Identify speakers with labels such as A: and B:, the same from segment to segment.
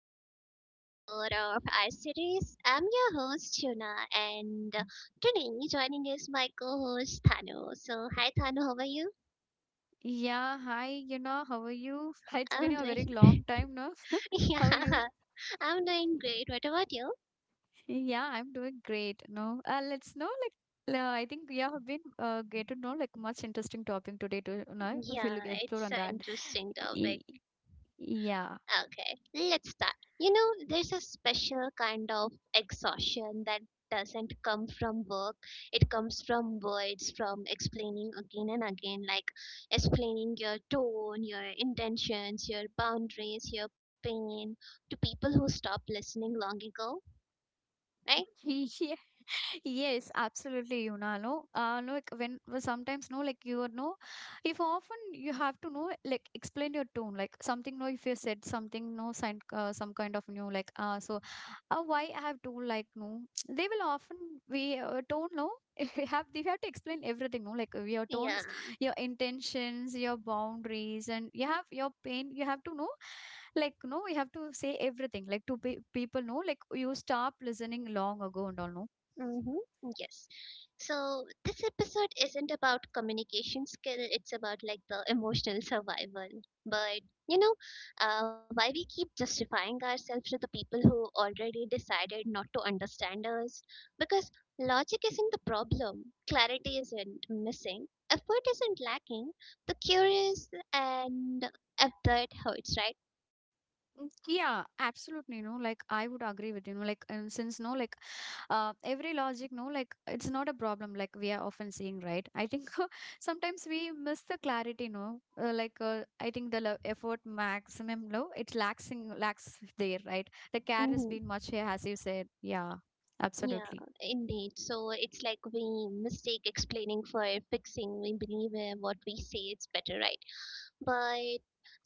A: to another episode of our series. I'm your host Shuna and today joining is my co-host Thano. So hi Thano, how are you?
B: Yeah, hi, how are you? It's been
A: I'm
B: a very
A: doing
B: long
A: great.
B: time, no?
A: Yeah,
B: How are you?
A: I'm doing great. What about you?
B: Yeah, I'm doing great, no? Let's know, like, I think we have been get to know, like, much interesting topic today to, if we'll
A: Yeah,
B: explore on
A: it's an
B: that.
A: interesting
B: Y-
A: topic.
B: Yeah.
A: Okay, let's start. You know, there's a special kind of exhaustion that doesn't come from work. It comes from words, from explaining again and again, like explaining your tone, your intentions, your boundaries, your pain to people who stopped listening long ago, right?
B: Yeah, yes, absolutely, no, no, like when well, sometimes no, like you are no, if often you have to know, like explain your tone, like something, no, if you said something, no, sign, some kind of new, like, so, why I have to, like, no, they will often we tone, no, we have they have to explain everything, no, like your tones,
A: Yeah.
B: your intentions, your boundaries, and you have your pain, you have to know like no you have to say everything like to people know like you stop listening long ago and all no.
A: Mm-hmm. Yes. So this episode isn't about communication skill, it's about like the emotional survival. But you know, why we keep justifying ourselves to the people who already decided not to understand us? Because logic isn't the problem, clarity isn't missing, effort isn't lacking, the curious and that hurts, right?
B: Mm, yeah, absolutely. No, like I would agree with you. No, like and since no, like every logic, no, like it's not a problem. Like we are often seeing, right? I think sometimes we miss the clarity. No, like I think the effort maximum no, it lacks there, right? The care has
A: Mm-hmm.
B: been much here, as you said. Yeah,
A: Yeah,
B: absolutely.
A: indeed. So it's like we mistake explaining for fixing. We believe what we say is better, right? But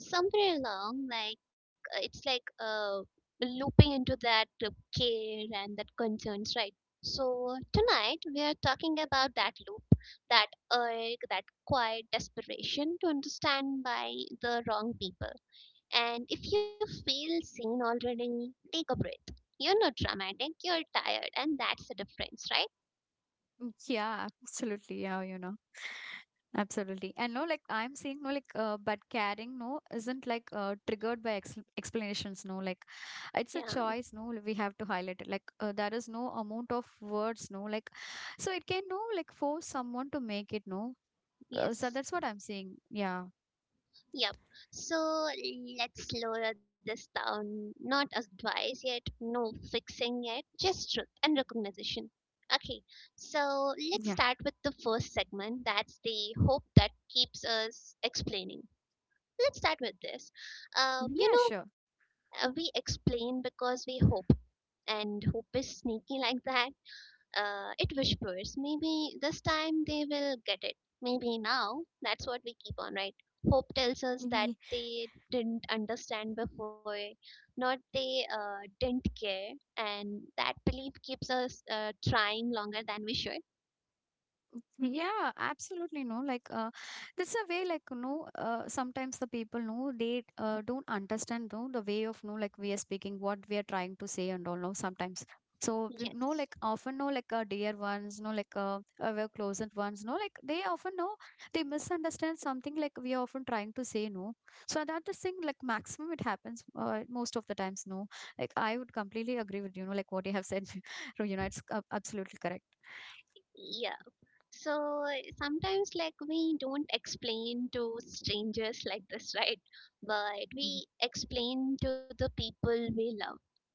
A: somewhere along, it's like looping into that care and that concerns, right? So tonight we are talking about that loop, that urge, that quiet desperation to understand by the wrong people, and if you feel seen already, take a breath. You're not dramatic, you're tired, and that's the difference, right?
B: Mm, yeah, absolutely. Yeah, you know. Absolutely. And no, like I'm saying, no, like, but caring no isn't like triggered by ex explanations. No, like it's a
A: Yeah,
B: choice. No, like, we have to highlight it. Like there is no amount of words. No, like so it can no like force someone to make it. No, so
A: yes.
B: that's what I'm saying. Yeah,
A: Yep. So let's lower this down. Not advice yet, no fixing yet, just truth and recognition. Okay, so let's
B: yeah,
A: start with the first segment. That's the hope that keeps us explaining. Let's start with this. You
B: yeah.
A: know,
B: Sure.
A: we explain because we hope, and hope is sneaky like that. It whispers, maybe this time they will get it. Maybe now. That's what we keep on, right? Hope tells us that they didn't understand before, not they didn't care. And that belief keeps us trying longer than we should.
B: Yeah, absolutely. No, like, this a way, like, no, sometimes the people know they don't understand, no, the way of, no, like, we are speaking, what we are trying to say, and all, no, sometimes. So, we know,
A: Yes.
B: like, often, no, like, our dear ones, no, like, our closest ones, no, like, they often know they misunderstand something, like, we are often trying to say, no. So, that the thing, like, maximum it happens most of the times, no. Like, I would completely agree with you, know, like, what you have said, you know, it's absolutely correct.
A: Yeah. So sometimes, like, we don't explain to strangers like this, right? But we explain to the people we love,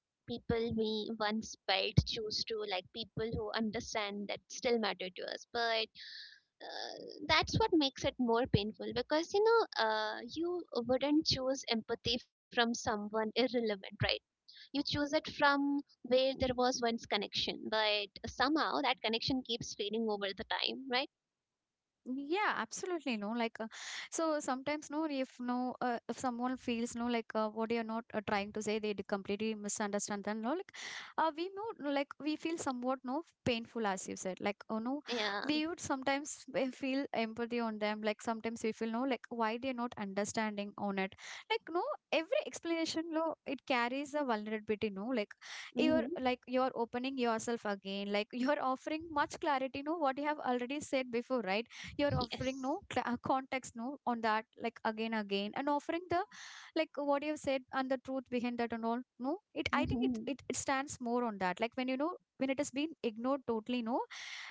A: people we once felt choose to, like people who understand, that still matter to us, but uh, that's what makes it more painful, because you know, you wouldn't choose empathy from someone irrelevant, right? You choose it from where there was once connection, but somehow that connection keeps fading over the time, right?
B: Yeah, absolutely. No, like, so sometimes, no, if no, if someone feels, no, like, what you're not trying to say, they completely misunderstand them, no, like, we know, no, like, we feel somewhat, no, painful, as you said, like, oh no,
A: Yeah.
B: we would sometimes we feel empathy on them, like, sometimes we feel, no, like, why they're not understanding on it, like, no, every explanation, no, it carries a vulnerability, no, like,
A: Mm-hmm.
B: you're opening yourself again, like, you're offering much clarity, no, what you have already said before, right? You're offering
A: Yes.
B: no context no on that like again again and offering the like what you've said and the truth behind that and all no it I think
A: Mm-hmm.
B: it stands more on that like when you know when it has been ignored totally no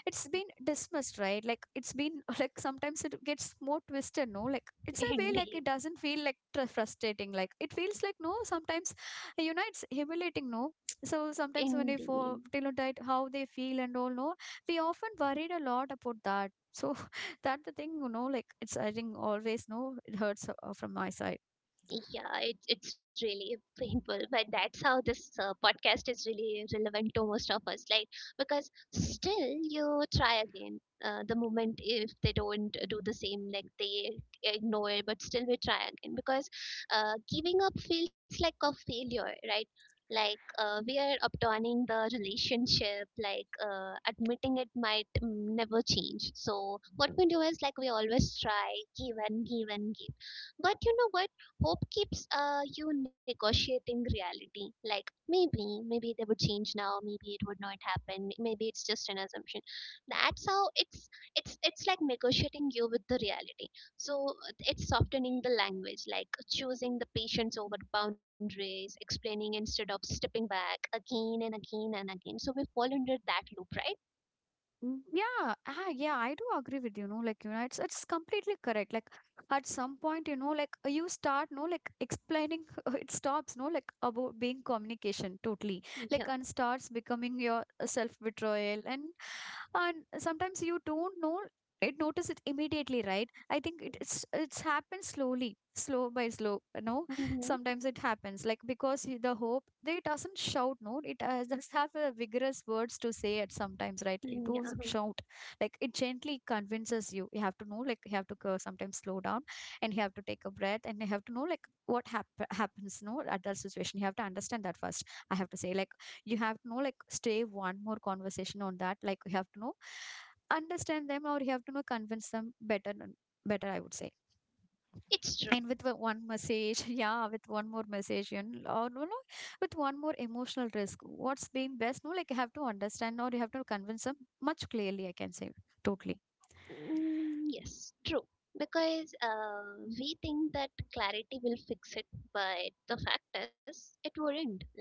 B: it's been dismissed right like it's been like sometimes it gets more twisted no like it's a way like it
A: Indeed.
B: doesn't feel like frustrating like it feels like no sometimes you know it's humiliating no so sometimes when we for
A: Indeed.
B: you know that how they feel and all no we often worried a lot about that so that the thing, you know, like it's I think always no, it hurts from my side.
A: Yeah, it's really painful, but that's how this podcast is really relevant to most of us. Like, because
B: Mm.
A: still you try again. The moment if they don't do the same, like they ignore it, but still we try again because giving up feels like a failure, right? Like, we are abandoning the relationship. Like, admitting it might never change. So what we do is like we always try, give and give and give. But you know what? Hope keeps you negotiating reality. Like, maybe, maybe they would change now. Maybe it would not happen. Maybe it's just an assumption. That's how it's like negotiating you with the reality. So it's softening the language, like choosing the patience over boundaries, explaining instead of stepping back again and again and again. So we fall under that loop, right?
B: Mm, yeah, ah, yeah, I do agree with you. No, like you know, it's completely correct. Like at some point, you know, like you start, no, like explaining, it stops, no, like about being communication totally,
A: Yeah.
B: like and starts becoming your self betrayal, and sometimes you don't know it notice it immediately right I think it's happened slowly slow by slow no
A: Hmm.
B: sometimes it happens like because the hope they doesn't shout no it does have a vigorous words to say at sometimes right it
A: Yeah.
B: doesn't shout like it gently convinces you you have to know like you have to go, sometimes slow down and you have to take a breath and you have to know like what happens no at that situation you have to understand that first I have to say like you have to know like stay one more conversation on that like you have to know understand them or you have to know convince them better better I would say
A: It's true.
B: and with the one message, yeah, with one more message, you know, or no, no, with one more emotional risk, what's been best? No, like you have to understand or you have to convince them much clearly, I can say, totally.
A: Yes, true. Because we think that clarity will fix it, but the fact is, it wouldn't. Like,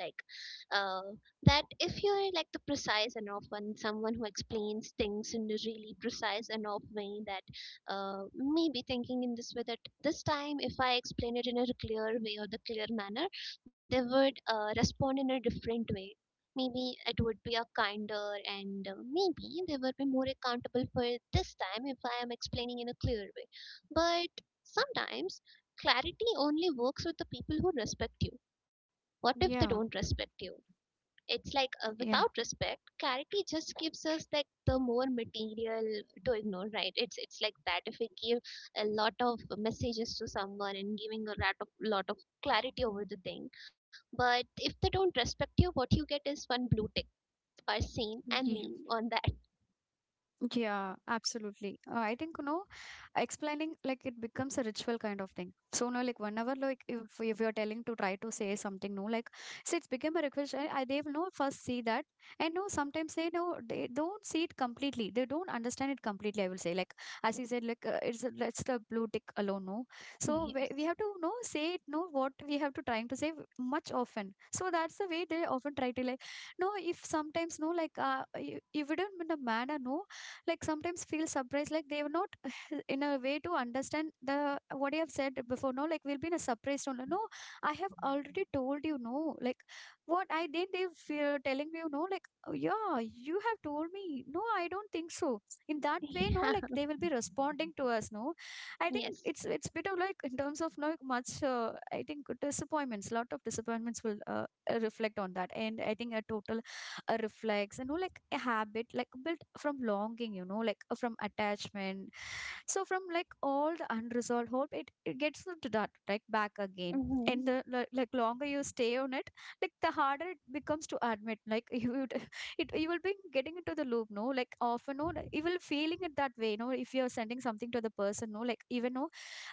A: uh, that if you're like the precise enough one, someone who explains things in a really precise enough way, that maybe thinking in this way that this time, if I explain it in a clear way or the clear manner, they would respond in a different way. Maybe it would be a kinder and maybe they would be more accountable for it this time if I am explaining in a clear way. But sometimes clarity only works with the people who respect you. What if they don't
B: Yeah.
A: respect you? It's like, without
B: Yeah.
A: respect, clarity just gives us like the more material to ignore, right? It's like that. If we give a lot of messages to someone and giving a lot of clarity over the thing, but if they don't respect you, what you get is one blue tick or sane and
B: Yeah.
A: lean on that.
B: Yeah, absolutely. I think, you know, explaining like it becomes a ritual kind of thing. So now, like whenever like if you're telling to try to say something no, like so it's become a request. I they will know first see that, and no, sometimes they know they don't see it completely. They don't understand it completely. I will say like as you said, like that's the blue tick alone. No, so we
A: Yes.
B: have to know say it. No, what we have to trying to say much often. So that's the way they often try to like no. If sometimes no, like you wouldn't in a manner no like sometimes feel surprised like they were not in a way to understand the what you have said before no like we'll be in a surprised only no I have already told you no like what I did they feel telling you no like "Oh, yeah you have told me no I don't think so in that way no
A: Yeah.
B: like they will be responding to us no I think
A: Yes.
B: it's bit of like in terms of like much I think disappointments lot of disappointments will reflect on that and I think a total reflects you know like a habit like built from longing you know like from attachment so from like all the unresolved hope it gets to that like back again
A: Mm-hmm.
B: and the like longer you stay on it like the harder it becomes to admit like you would it you will be getting into the loop no like often no like, you will feeling it that way no if you're sending something to the person no like even no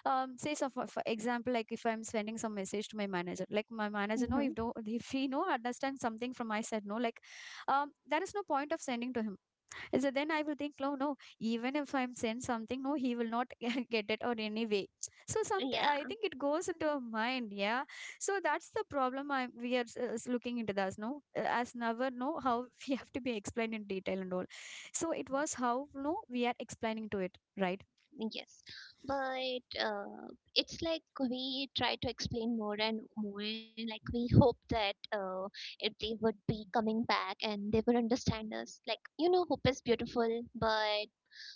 B: say so for example like if I'm sending some message to my manager like my manager
A: Mm-hmm.
B: no if don't if he no understands something from my side no like there is no point of sending to him so then I will think, no, no, even if I'm sent something, no, he will not get it or anyway. So some, I
A: Yeah.
B: think it goes into our mind, yeah. So that's the problem I we are looking into this, no, as never know how we have to be explained in detail and all. So it was how no we are explaining to it, right?
A: Yes. But it's like we try to explain more and more. Like, we hope that if they would be coming back and they would understand us. Like, you know, hope is beautiful, but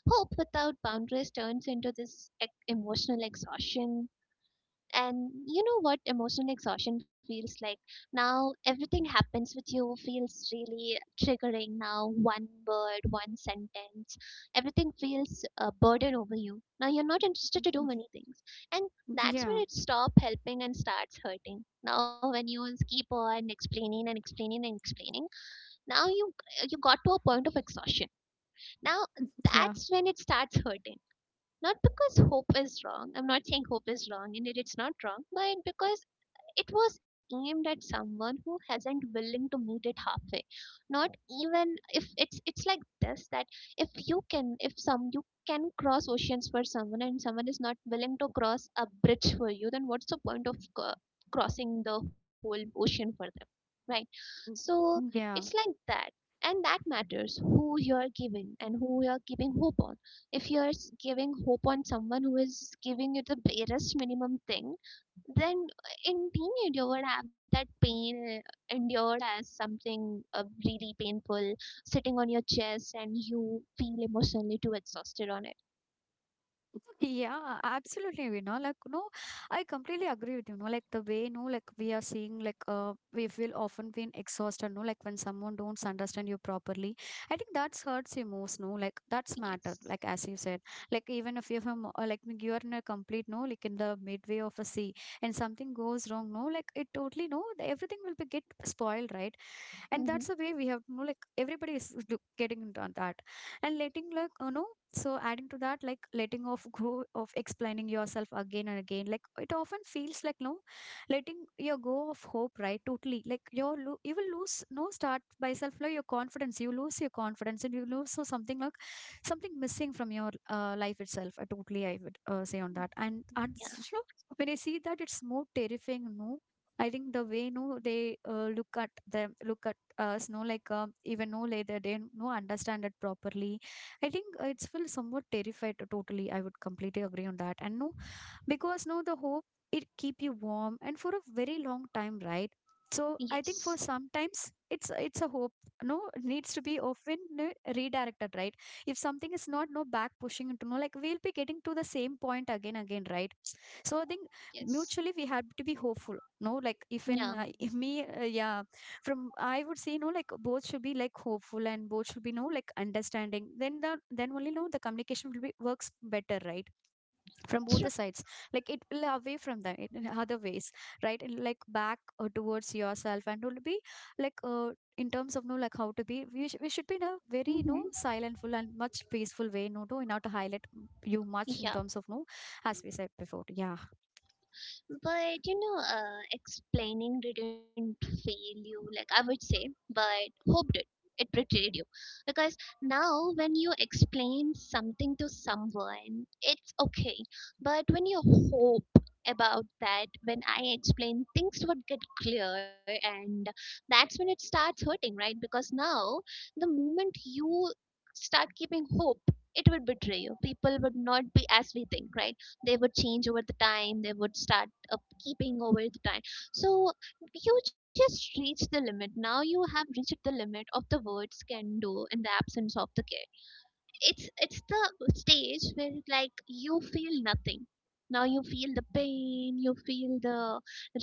A: hope without boundaries turns into this emotional exhaustion. And you know what emotional exhaustion feels like? Now everything happens with you feels really triggering. Now one word, one sentence, everything feels a burden over you. Now you're not interested to do many things. And that's when
B: Yeah,
A: it stops helping and starts hurting. Now when you keep on explaining and explaining and explaining, now you got to a point of exhaustion. Now
B: yeah,
A: that's when it starts hurting, not because hope is wrong. I'm not saying hope is wrong, indeed it's not wrong, but because it was aimed at someone who hasn't willing to meet it halfway. Not even if it's like this, that if you can, if some you can cross oceans for someone and someone is not willing to cross a bridge for you, then what's the point of crossing the whole ocean for them, right? So it's
B: yeah.
A: like that. And that matters who you're giving and who you're giving hope on. If you're giving hope on someone who is giving you the barest minimum thing, then indeed, you would have that pain endured as something really painful sitting on your chest and you feel emotionally too exhausted on it.
B: Yeah, absolutely. You know, like no, I completely agree with you. No, like the way no, like we are seeing, like we feel often be exhausted. No, like when someone don't understand you properly, I think that hurts you most. No, like that's matter.
A: Yes.
B: Like as you said, like even if you're from like you are in a complete no, like in the midway of a sea, and something goes wrong. No, like it totally no, everything will be get spoiled, right? And
A: Mm-hmm.
B: that's the way we have no, like everybody is getting into that and letting so adding to that like letting off go of explaining yourself again and again like it often feels like no letting your go of hope, right? Totally, like your you will lose no, start by self, like your confidence, you lose your confidence and you lose so something like something missing from your life itself. I totally, I would say on that. And
A: Yeah.
B: so when I see that, it's more terrifying, no, I think the way no they look at them look at us, no, like even know later they no understand it properly. I think it's feel somewhat terrified. Totally, I would completely agree on that. And no, because no, the hope, it keep you warm and for a very long time, right? So I
A: Yes.
B: think for sometimes it's a hope no, needs to be often uh, redirected, right? If something is not no back pushing into no, like we'll be getting to the same point again, right? So I think
A: Yes.
B: mutually we have to be hopeful, no, like if in
A: Yeah.
B: if me yeah, from I would say, no, like both should be like hopeful and both should be no, like understanding, then then only no the communication will be works better, right, from both
A: True.
B: the sides. Like it will away from them in other ways, right. And, like back or towards yourself and will be like in terms of no, like how to be we should be in a very, you know,
A: Mm-hmm.
B: silentful and much peaceful way, no, to in order to highlight you much in
A: Yeah.
B: terms of no, as we said before, yeah.
A: But you know, explaining didn't fail you, like I would say, but hope did. It betrayed you. Because now, when you explain something to someone, it's okay. But when you hope about that, when I explain, things would get clear, and that's when it starts hurting, right? Because now, the moment you start keeping hope, it would betray you. People would not be as we think, right? They would change over the time, they would start up keeping over the time. So you just reach the limit. Now you have reached the limit of the words can do in the absence of the care. It's the stage where like you feel nothing. Now you feel the pain, you feel the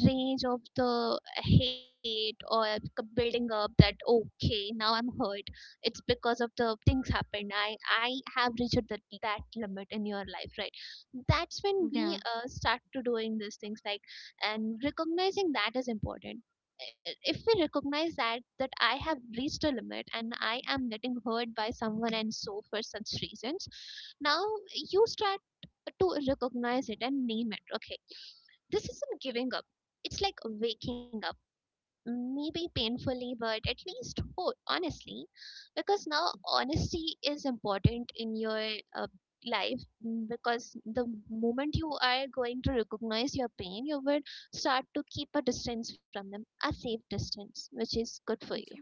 A: rage of the hate or building up that okay, now I'm hurt. It's because of the things happened. I have reached that limit in your life, right? That's when we start to doing these things, like, and recognizing that is important. If we recognize that I have reached a limit and I am getting hurt by someone and so for such reasons, now you start to recognize it and name it. Okay, this isn't giving up, it's like waking up, maybe painfully, but at least honestly, because now honesty is important in your uh, life. Because the moment you are going to recognize your pain, you would start to keep a distance from them, a safe distance, which is good for you.
B: Yeah.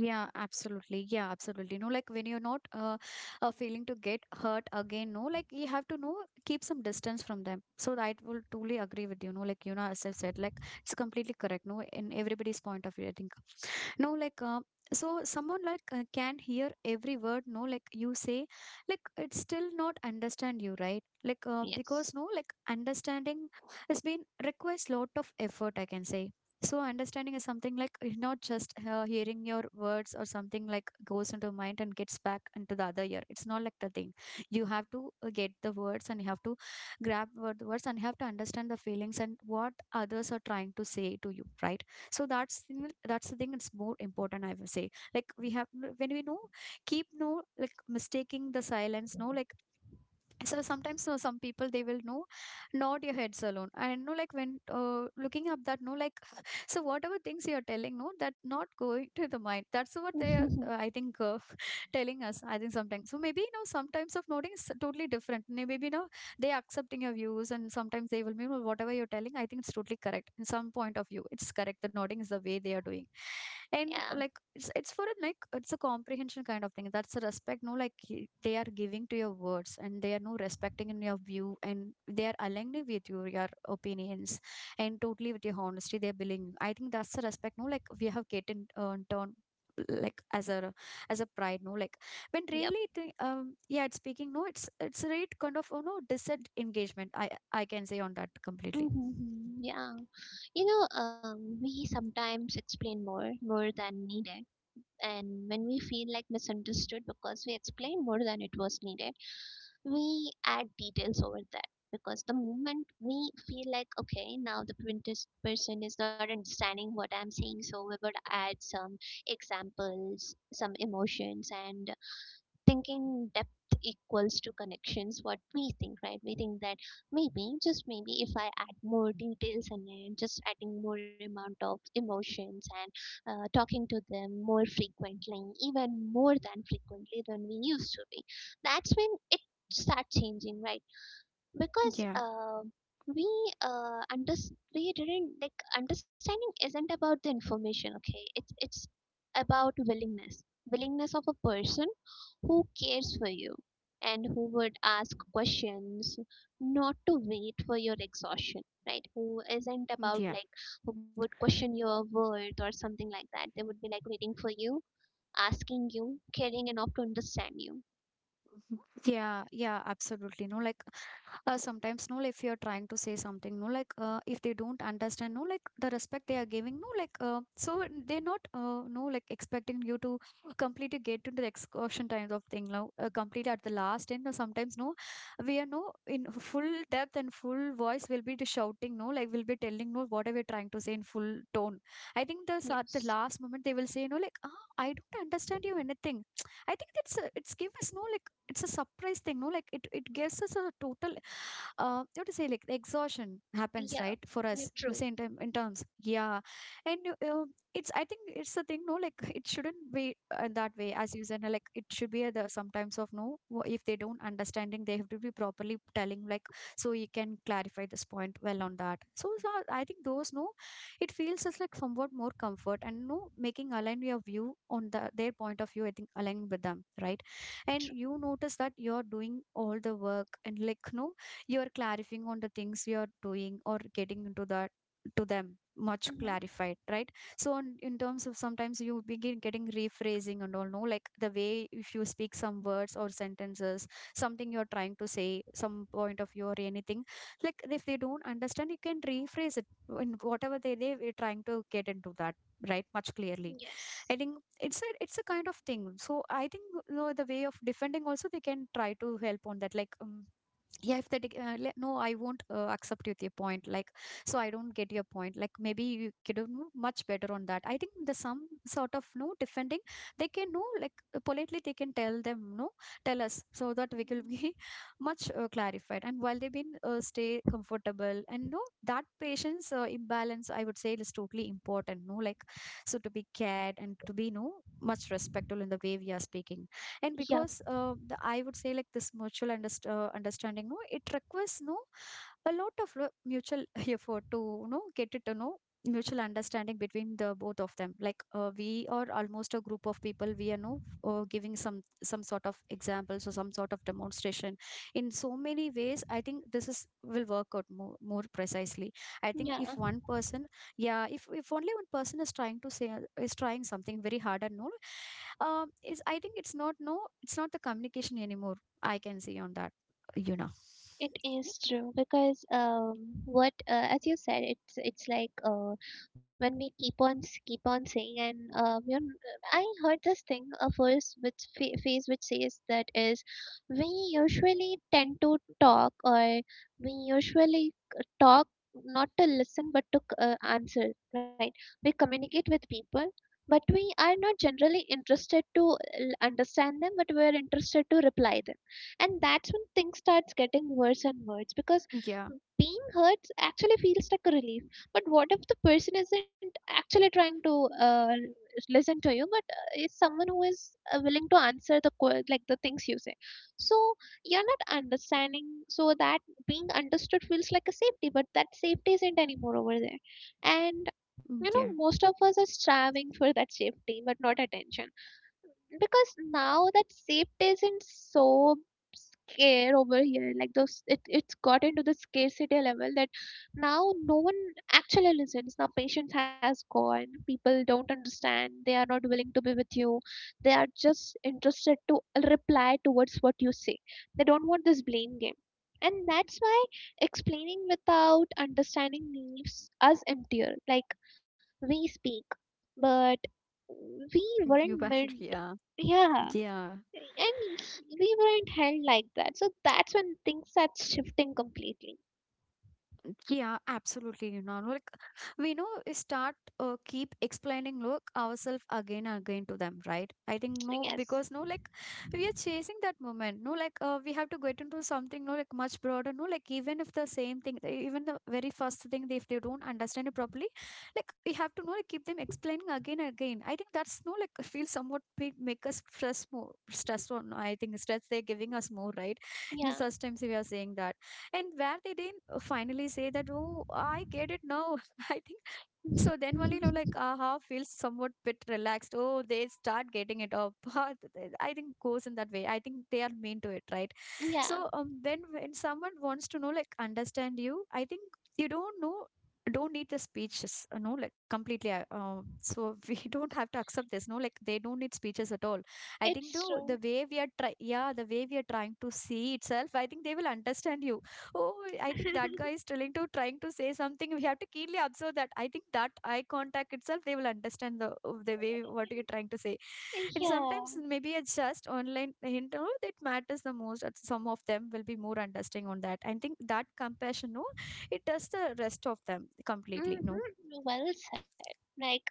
B: Yeah, absolutely. Yeah, absolutely. No, like when you're not feeling to get hurt again, no, like you have to know keep some distance from them. So I will truly agree with you. No, like as I said, like it's completely correct. No, in everybody's point of view, I think. No, like, so someone like can hear every word, no, like you say, like it's still not understand you, right? Like,
A: Yes.
B: because no, like understanding has been requires lot of effort, I can say. So understanding is something like not just hearing your words or something like goes into mind and gets back into the other ear. It's not like the thing. You have to get the words and you have to grab the words and you have to understand the feelings and what others are trying to say to you, right? So that's the thing, it's more important, I would say. Like we have, when we know keep no, like mistaking the silence, no, like so sometimes no, some people they will know nod your heads alone and no, like when looking up that, no, like so whatever things you are telling, no, that not going to the mind, that's what they are,
A: Yeah.
B: I think telling us. I think sometimes so maybe sometimes of noting is totally different. Maybe they accepting your views, and sometimes they will be, "Well, whatever you're telling, I think it's totally correct, in some point of view it's correct, the nodding is the way they are doing." And like it's for a, like it's a comprehension kind of thing, that's a respect, no, like they are giving to your words and they are no respecting in your view, and they are aligning with your opinions and totally with your honesty they're billing you. I think that's the respect, no, like we have get in turn, like as a pride, no, like when
A: Yep.
B: really yeah, it's speaking, no, it's a right kind of disengagement. I can say on that completely.
A: Hmm. Yeah. You know, we sometimes explain more, more than needed. And when we feel like misunderstood because we explain more than it was needed, we add details over that, because the moment we feel like okay, now the printer's person is not understanding what I'm saying, so we would add some examples, some emotions, and thinking depth equals to connections, what we think, right? We think that maybe, just maybe, if I add more details and then just adding more amount of emotions and talking to them more frequently, even more than frequently than we used to be, that's when it starts changing, right? Because
B: Yeah,
A: we under we didn't like understanding isn't about the information. Okay, it's about willingness, willingness of a person who cares for you and who would ask questions, not to wait for your exhaustion, right? Who isn't about
B: yeah.
A: like, who would question your worth or something like that. They would be like waiting for you, asking you, caring enough to understand you.
B: Yeah, yeah, absolutely. No, like sometimes, no, if you're trying to say something, no, like if they don't understand, no, like the respect they are giving, no, like so they're not, no, like expecting you to completely get to the excursion kind of thing, now complete at the last end. Or sometimes, no, we are no in full depth and full voice will be the shouting, no, like we'll be telling, no, whatever we're trying to say in full tone. I think the at
A: Yes.
B: the last moment they will say, no, like, ah, I don't understand you anything. I think that's it's give us no, like it's a surprise thing, no, like it gives us a total, uh, what to say, like exhaustion happens,
A: Yeah.
B: right, for us
A: You're
B: the
A: true.
B: same time in terms, yeah. And uh, it's, I think it's the thing, no, like it shouldn't be that way, as you said, no, like it should be the sometimes of no, if they don't understanding they have to be properly telling, like so you can clarify this point well on that. So I think those no, it feels as like somewhat more comfort and no making align your view on their point of view, I think aligning with them, right. And you notice that you're doing all the work, and like no, you're clarifying on the things you're doing or getting into that to them much
A: Mm-hmm.
B: clarified, right. So on, in terms of sometimes you begin getting rephrasing and all, no, like the way if you speak some words or sentences, something you're trying to say, some point of view or anything, like if they don't understand, you can rephrase it in whatever they are trying to get into that, right, much clearly.
A: Yes.
B: I think it's a kind of thing. So I think the way of defending also, they can try to help on that, like yeah, if they no, I won't accept with your point, like so I don't get your point, like maybe you could have know much better on that. I think the some sort of no defending they can know, like politely they can tell them, no, tell us, so that we will be much clarified, and while they've been stay comfortable and no, that patient's imbalance, I would say, is totally important, no, like so to be cared and to be no much respectful in the way we are speaking. And
A: Yeah.
B: because the, I would say like this mutual understanding, no, it requires no a lot of mutual effort to get it to know mutual understanding between the both of them. Like we are almost a group of people we are no, giving some sort of examples or some sort of demonstration in so many ways. I think this is will work out more, more precisely. I think
A: Yeah.
B: if one person, yeah, if only one person is trying to say, is trying something very hard and no, is, I think it's not, no, it's not the communication anymore. I can see on that you know
A: It is true because what as you said, it's like when we keep on keep on saying, and you know, I heard this thing a first which phase which says that is, we usually tend to talk, or we usually talk not to listen but to answer, right? We communicate with people. But we are not generally interested to understand them, but we are interested to reply them. And that's when things starts getting worse and
B: yeah.
A: worse, because being hurt actually feels like a relief. But what if the person isn't actually trying to listen to you, but is someone who is willing to answer like the things you say? So you're not understanding, so that being understood feels like a safety, but that safety isn't anymore over there. And
B: Mm, yeah,
A: most of us are striving for that safety, but not attention. Because now that safety isn't so scare over here, like those, it's got into the scarcity level that now no one actually listens. Now patience has gone, people don't understand, they are not willing to be with you, they are just interested to reply towards what you say. They don't want this blame game. And that's why explaining without understanding leaves us emptier. Like, we speak, but we weren't
B: you back
A: meant.
B: yeah.
A: Yeah,
B: Yeah.
A: and we weren't held like that. So that's when things start shifting completely.
B: Yeah, absolutely. Like we know we start keep explaining look ourselves again and again to them, right? I think no,
A: Yes.
B: because no, like we are chasing that moment. No, like we have to get into something, no, like much broader. No, like even if the same thing, even the very first thing, if they don't understand it properly, like we have to know, like keep them explaining again and again. I think that's no, like feel somewhat big, make us stress more, stress on. I think stress they're giving us more, right? In
A: Yeah.
B: such times we are saying that, and where they did not finally say that, oh, I get it now. I think so. Then only, aha, feels somewhat bit relaxed. Oh, they start getting it up. I think goes in that way. I think they are mean to it, right? So
A: Yeah,
B: when someone wants to know, like, understand you, I think you don't know. Don't need the speeches, like completely. So we don't have to accept this, no, like they don't need speeches at all. I think though
A: it's
B: the
A: true.
B: way we are try yeah, the way we are trying to see itself, I think they will understand you. Oh, I think that guy is trying to trying to say something. We have to keenly observe that. I think that eye contact itself, they will understand the way what you're trying to say. And sometimes
A: Yeah.
B: maybe it's just online hint, oh, that matters the most, that some of them will be more understanding on that. I think that compassion, no, it does the rest of them completely. No.
A: Mm-hmm. Well said. Like,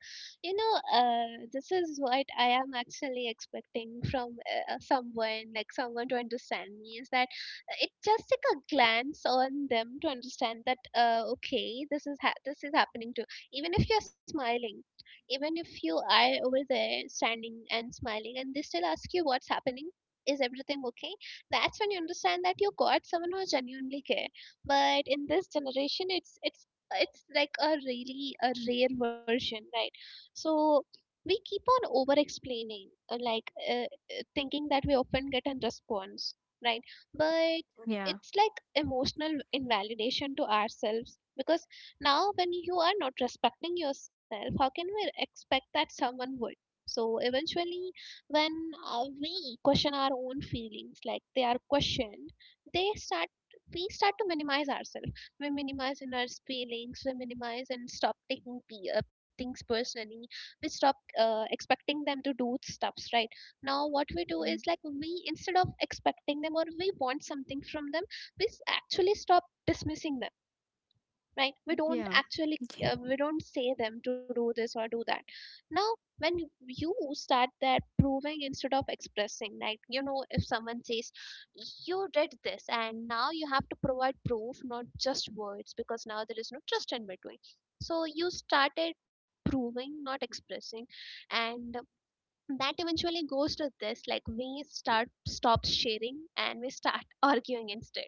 A: this is what I am actually expecting from someone, like someone to understand me, is that it just take a glance on them to understand that, okay, this is happening too. Even if you're smiling, even if you are over there standing and smiling, and they still ask you what's happening, is everything okay? That's when you understand that you got someone who genuinely care. But in this generation it's like a really a rare version, right? So we keep on over explaining, uh, like uh, uh, thinking that we often get a response, right? But
B: Yeah.
A: it's like emotional invalidation to ourselves, because now when you are not respecting yourself, how can we expect that someone would? So eventually, when we question our own feelings like they are questioned, they start we start to minimize ourselves. We minimize in our feelings, we minimize and stop taking things personally. We stop expecting them to do stuffs, right? Now what we do is, like, we instead of expecting them or we want something from them, we actually stop dismissing them, right? We don't
B: Yeah.
A: actually, we don't say them to do this or do that. Now when you start that proving instead of expressing, like, if someone says you did this, and now you have to provide proof, not just words, because now there is no trust in between. So you started proving, not expressing. And that eventually goes to this, like, we start stop sharing and we start arguing instead.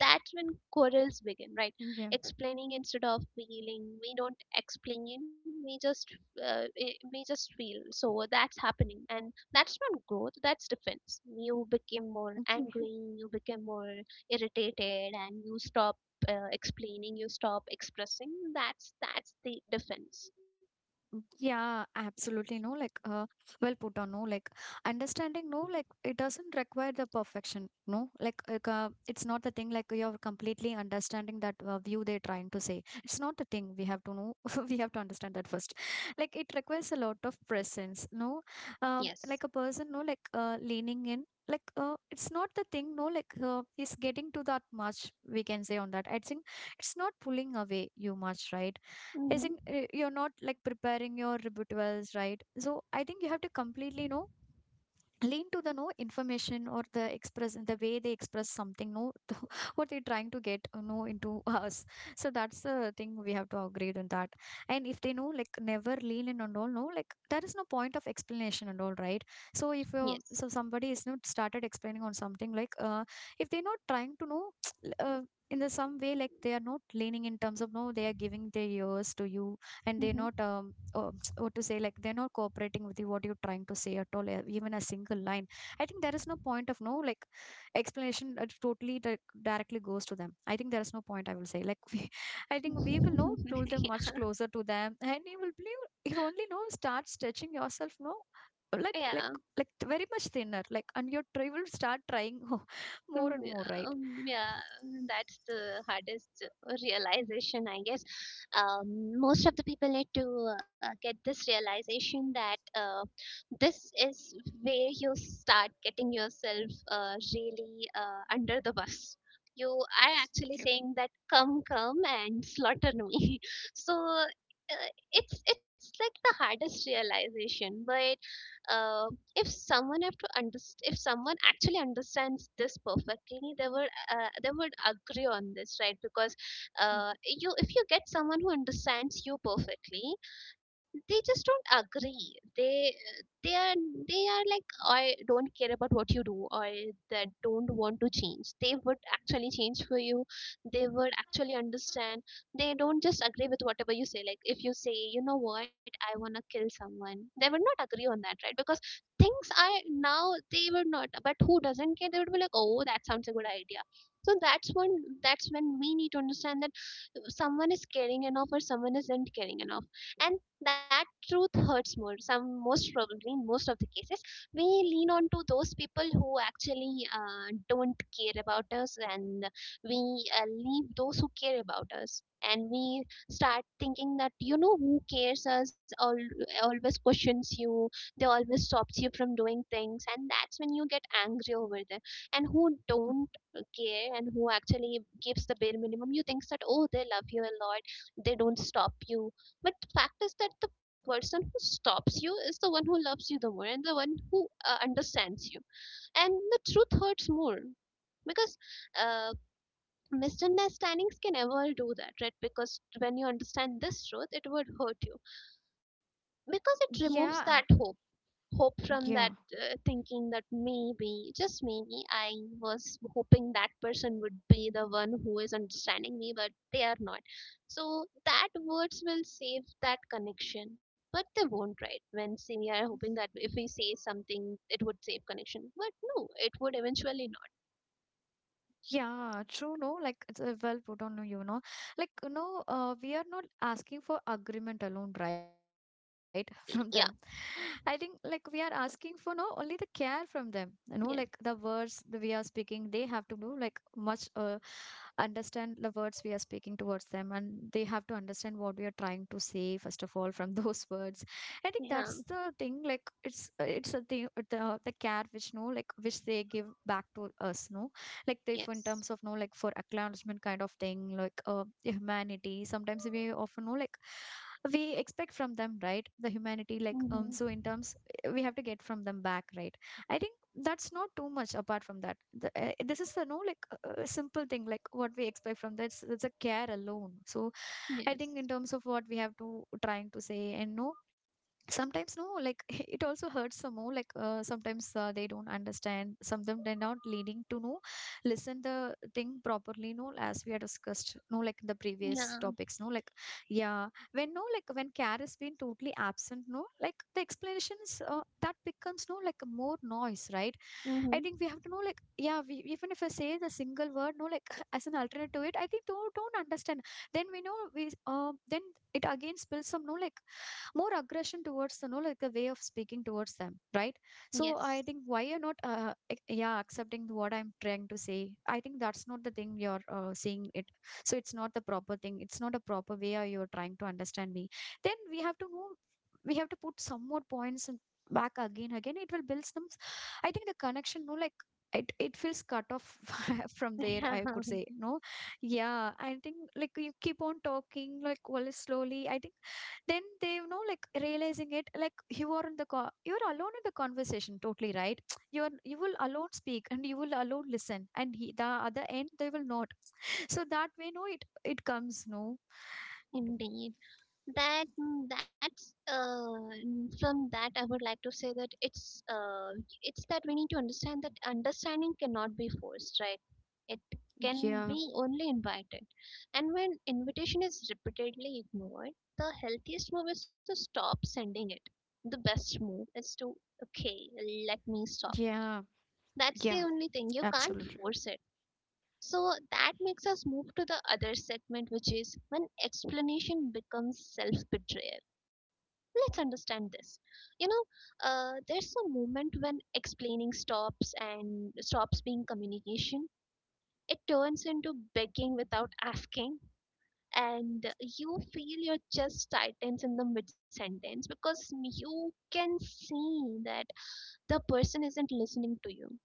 A: That's when quarrels begin,
B: Yeah.
A: right? Explaining instead of feeling, we don't explain, we just feel. So that's happening, and that's not growth, that's defense. You became more
B: Yeah.
A: angry, you became more irritated, and you stop explaining, you stop expressing. That's the defense.
B: Yeah, absolutely. No, like, well put on. No, like, understanding, no, like, it doesn't require the perfection. No, like, it's not the thing. Like, you're completely understanding that view they're trying to say. It's not the thing. We have to know. We have to understand that first. Like, it requires a lot of presence. No,
A: Yes.
B: like a person. No, like, leaning in. Like, it's not the thing. No, like, he's getting to that much. We can say on that. I think it's not pulling away you much, right? I
A: Hmm.
B: think you're not like preparing your rebuttals, right? So I think you have to completely lean to the no information or the express the way they express something no what they're trying to get into us. So that's the thing we have to agree on. That and if they know like never lean in and all no like there is no point of explanation and all, right? So if you
A: Yes.
B: so somebody is not started explaining on something like if they're not trying to know, l- uh, in the some way like they are not leaning in terms of no they are giving their ears to you, and they're not
A: Hmm.
B: what to say like they're not cooperating with you what you're trying to say at all, even a single line. I think there is no point of no like explanation that totally directly goes to them. I think there is no point. I will say like we, I think we will know pull them much closer to them, and you will believe you only know start stretching yourself no. Let
A: Yeah.
B: like very much thinner like, and your try will start trying more
A: Mm.
B: and more,
A: Yeah,
B: right?
A: yeah, that's the hardest realization, I guess. Most of the people need to get this realization that this is where you start getting yourself really under the bus. You are actually saying that, come, come and slaughter me. So it's like the hardest realization, but. Uh, if someone have to underst- if someone actually understands this perfectly, they would, agree on this, right? Because
B: Mm.
A: you if you get someone who understands you perfectly, they just don't agree. They, they are they are like, I don't care about what you do, or that don't want to change. They would actually change for you, they would actually understand. They don't just agree with whatever you say. Like, if you say, you know what, I want to kill someone, they would not agree on that, right? Because things are now, they would not. But who doesn't care, they would be like, oh, that sounds a good idea. So that's when we need to understand that someone is caring enough or someone isn't caring enough. And that truth hurts more. Some Most probably in most of the cases, we lean on to those people who actually don't care about us, and we leave those who care about us, and we start thinking that, you know, who cares us all always questions you, they always stops you from doing things, and that's when you get angry over them. And who don't care and who actually gives the bare minimum, you think that, oh, they love you a lot, they don't stop you. But the fact is that the person who stops you is the one who loves you the more, and the one who understands you. And the truth hurts more, because uh, misunderstandings can never do that, right? Because when you understand this truth, it would hurt you, because it removes
B: Yeah,
A: that hope from
B: yeah.
A: that thinking that maybe, just maybe, I was hoping that person would be the one who is understanding me, but they are not. So that words will save that connection, but they won't, right? When, see, we are hoping that if we say something it would save connection, but no, it would eventually not.
B: Yeah, true. No, like it's well put on like we are not asking for agreement alone, right? From them, I
A: Yeah.
B: think like we are asking for no only the care from them. You know, like the
A: Yes.
B: words that we are speaking, they have to do like much understand the words we are speaking towards them, and they have to understand what we are trying to say first of all from those words. I think
A: Yeah.
B: that's the thing. Like it's a thing, the care which no like which they give back to us, no like if in
A: Yes.
B: terms of no like for acknowledgement kind of thing like humanity sometimes we often know like we expect from them right, the humanity like um,
A: Mm-hmm.
B: so in terms, we have to get from them back, right? I think that's not too much. Apart from that, the this is the no like simple thing like what we expect from, that's it's a care alone. So I think in
A: Yes.
B: terms of what we have to trying to say and no, sometimes no like, it also hurts some more like, sometimes they don't understand, sometimes they're not leading to know listen the thing properly, no, as we have discussed no like the previous
A: Yeah.
B: topics no like. Yeah, when no like when care has been totally absent, no like the explanations, that becomes no like more noise, right? I think
A: Mm-hmm.
B: we have to know, like, yeah, we, even if I say the single word, no, like, as an alternate to it, I think don't understand. Then we know we, then it again spills some, no, like, more aggression towards you know like a way of speaking towards them, right? So
A: Yes.
B: I think why you're not yeah, accepting what I'm trying to say. I think that's not the thing you're seeing it. So it's not the proper thing, it's not a proper way or you're trying to understand me. Then we have to know, we have to put some more points, and back again again it will build some, I think, the connection, no, like, it feels cut off from there, I could say no. Yeah. I think like you keep on talking like, well, slowly, I think then they like realizing it, like you are in the you're alone in the conversation totally, right? You're, you will alone speak and you will alone listen, and he, the other end they will not. So that way no it, it comes no.
A: Indeed. That mm, that's mm, From that I would like to say that it's that we need to understand that understanding cannot be forced, right? It can
B: Yeah,
A: be only invited. And when invitation is repeatedly ignored, the healthiest move is to stop sending it. The best move is to, okay, let me stop.
B: yeah,
A: That's the
B: yeah,
A: only thing. You can't
B: absolutely.
A: force it. So that makes us move to the other segment, which is when explanation becomes self betrayal. Let's understand this. You know, there's a moment when explaining stops and stops being communication. It turns into begging without asking, and you feel your chest tightens in the mid sentence because you can see that the person isn't listening to you.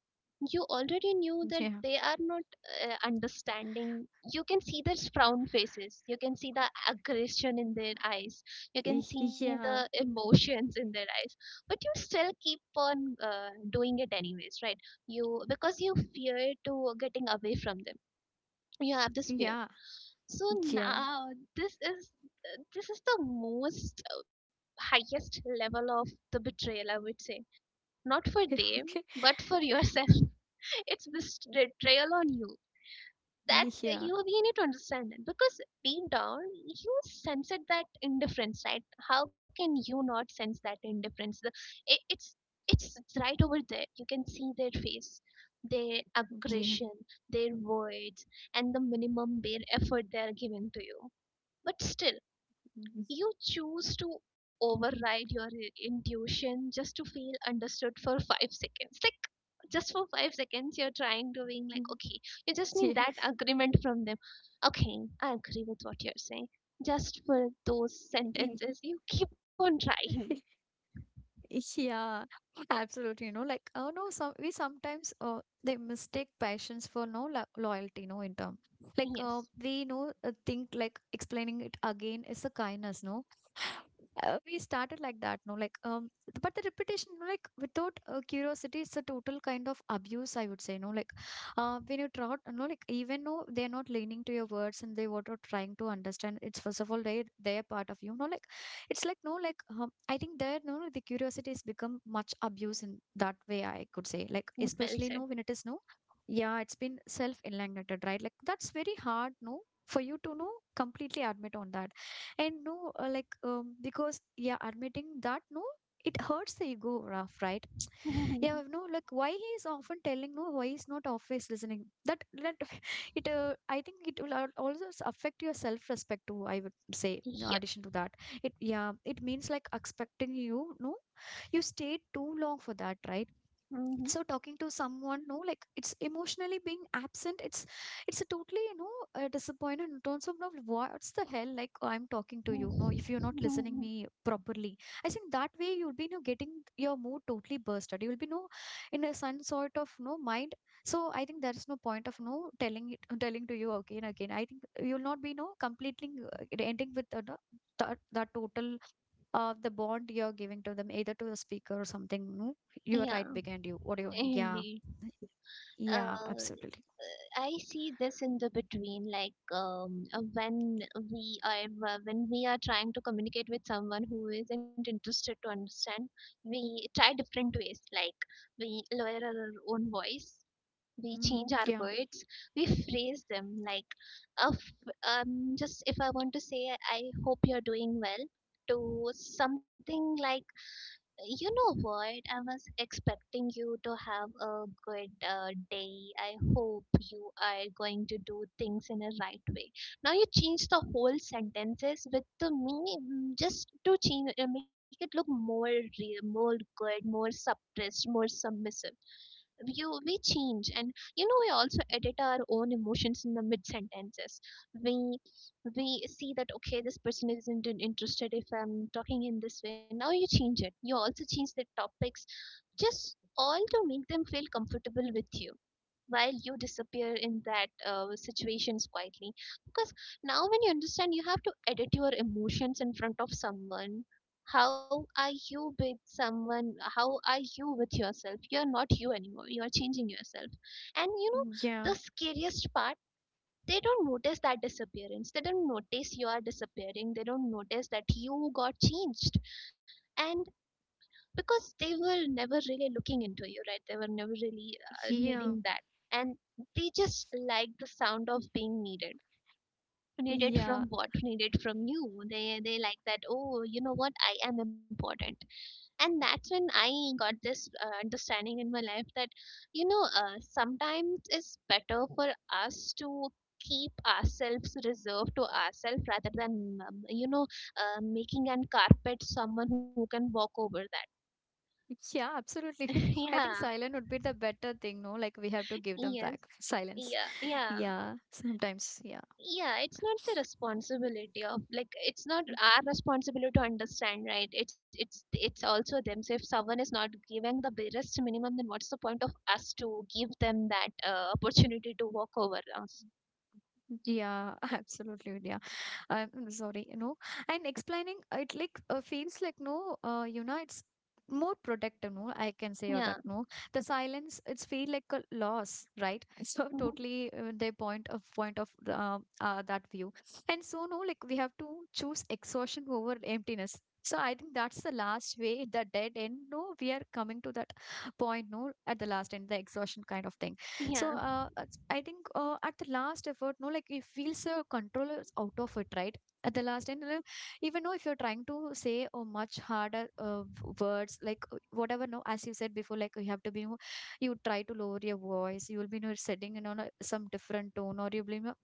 A: You already knew that
B: Yeah,
A: they are not understanding. You can see their frown faces, you can see the aggression in their eyes, you can see the
B: yeah,
A: emotions in their eyes, but you still keep on doing it anyways, right, you because you fear to getting away from them. You have this fear.
B: yeah,
A: So
B: yeah,
A: now, this is this is the most highest level of the betrayal, I would say. Not for them,
B: okay.
A: but for yourself. It's this betrayal on you.
B: Yeah,
A: That's
B: yeah,
A: you. We need to understand that, because deep down you sense it, that indifference, right? How can you not sense that indifference? The, it, it's right over there. You can see their face, their aggression, their words, and the minimum bare effort they are giving to you. But still, you choose to override your intuition just to feel understood for 5 seconds. Like, just for 5 seconds you're trying to being like, okay, you just need
B: yeah,
A: that agreement from them, okay, I agree with what you're saying, just for those
B: yeah,
A: sentences you keep on trying.
B: yeah, absolutely. You know, like, oh no, some we sometimes they mistake passions for no lo loyalty, no, in term. Like,
A: Yes.
B: we know, think like explaining it again is a kindness, no? We started like that no like um, but the repetition, no, like without curiosity, it's a total kind of abuse I would say, no, like, when you try no like, even though they're not leaning to your words and they what are trying to understand, it's first of all they they're part of you, no, like. It's like no like I think there no the curiosity has become much abuse in that way I could say, like,
A: Well
B: especially
A: said.
B: no when it is no. Yeah, it's been self-eliminated, right? Like that's very hard no for you to know completely admit on that. And no, like because yeah admitting that, no, it hurts the ego, Raf, right? Yeah, no like why he is often telling no, why he's not always listening, that that it, I think it will also affect your self-respect too, I would say, in
A: Yep.
B: addition to that. It, yeah, it means like expecting you no, you stayed too long for that, right? So talking to someone no like, it's emotionally being absent, it's a totally you know disappointed in terms of no what's the hell like I'm talking to you no if you're not listening me properly. I think that way you'll be you know, getting your mood totally bursted, you'll be no in a some sort of no mind. So I think there's no point of no telling it telling to you again again. I think you'll not be no completely ending with the- that, that total of the bond you're giving to them, either to the speaker or something. No, you are right
A: Yeah.
B: behind you. What do you? Yeah,
A: Indeed.
B: yeah,
A: uh
B: absolutely.
A: I see this in the between, like, when we are trying to communicate with someone who isn't interested to understand, we try different ways. Like, we lower our own voice, we change
B: Mm,
A: our
B: yeah,
A: words, we phrase them. Like, of just if I want to say, I hope you're doing well. To something like, you know what? I was expecting you to have a good day. I hope you are going to do things in a right way. Now you change the whole sentences with just to change make it look more real, more good, more suppressed, more submissive. You we change, and you know, we also edit our own emotions in the mid sentences. We we see that, okay, this person isn't interested if I'm talking in this way. Now you change it, you also change the topics, just all to make them feel comfortable with you, while you disappear in that situations quietly. Because now, when you understand you have to edit your emotions in front of someone, how are you with someone, how are you with yourself? You're not you anymore, you are changing yourself. And you know
B: yeah,
A: the scariest part? They don't notice that disappearance, they don't notice you are disappearing, they don't notice that you got changed. And because they were never really looking into you, right? They were never really
B: yeah,
A: needing that. And they just like the sound of being needed. Needed
B: yeah,
A: from what? Needed from you. They like that, oh, you know what, I am important. And that's when I got this understanding in my life, that you know, sometimes it's better for us to keep ourselves reserved to ourselves rather than you know, making an carpet someone who can walk over that.
B: yeah, absolutely. I think
A: Yeah.
B: silent would be the better thing. No, like we have to give them
A: Yes.
B: back silence.
A: Yeah. Yeah.
B: Yeah, sometimes. Yeah.
A: Yeah. It's not the responsibility of, like, it's not
B: Mm,
A: our responsibility to understand, right? It's also them. So if someone is not giving the barest minimum, then what's the point of us to give them that opportunity to walk over us?
B: yeah, absolutely. Yeah. I'm mm, sorry, you know, and explaining it like feels like no, you know, it's more protective, no, I can say or
A: Yeah.
B: that no. The silence, it's feel like a loss, right? So
A: Hmm.
B: totally, they point of that view, and so no, like we have to choose exhaustion over emptiness. So I think that's the last way, the dead end. No, we are coming to that point. No, at the last end, the exhaustion kind of thing. So
A: Yeah.
B: it's, I think at the last effort, no, like it feels control is out of it, right? At the last end, even though if you're trying to say a much harder words, like, whatever, no, as you said before, like you have to be, more- you try to lower your voice, you will be you know, setting in on a, some different tone, or you'll be you know,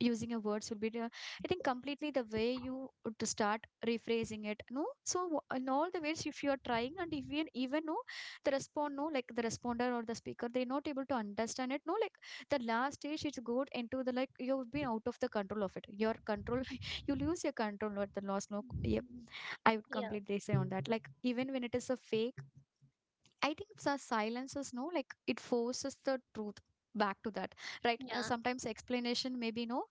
B: using your words will be the- I think completely the way you, to start rephrasing it no. So in all the ways, if you are trying and if you even know the respond no like the responder or the speaker, they're not able to understand it no like, the last stage it's good into the like, you've been out of the control of it, your control you lose your control at the loss no. Yep. I would
A: Yeah.
B: completely say on that, like even when it is a fake, I think it's our silences, no, like it forces the truth back to that, right?
A: Yeah.
B: Sometimes explanation maybe no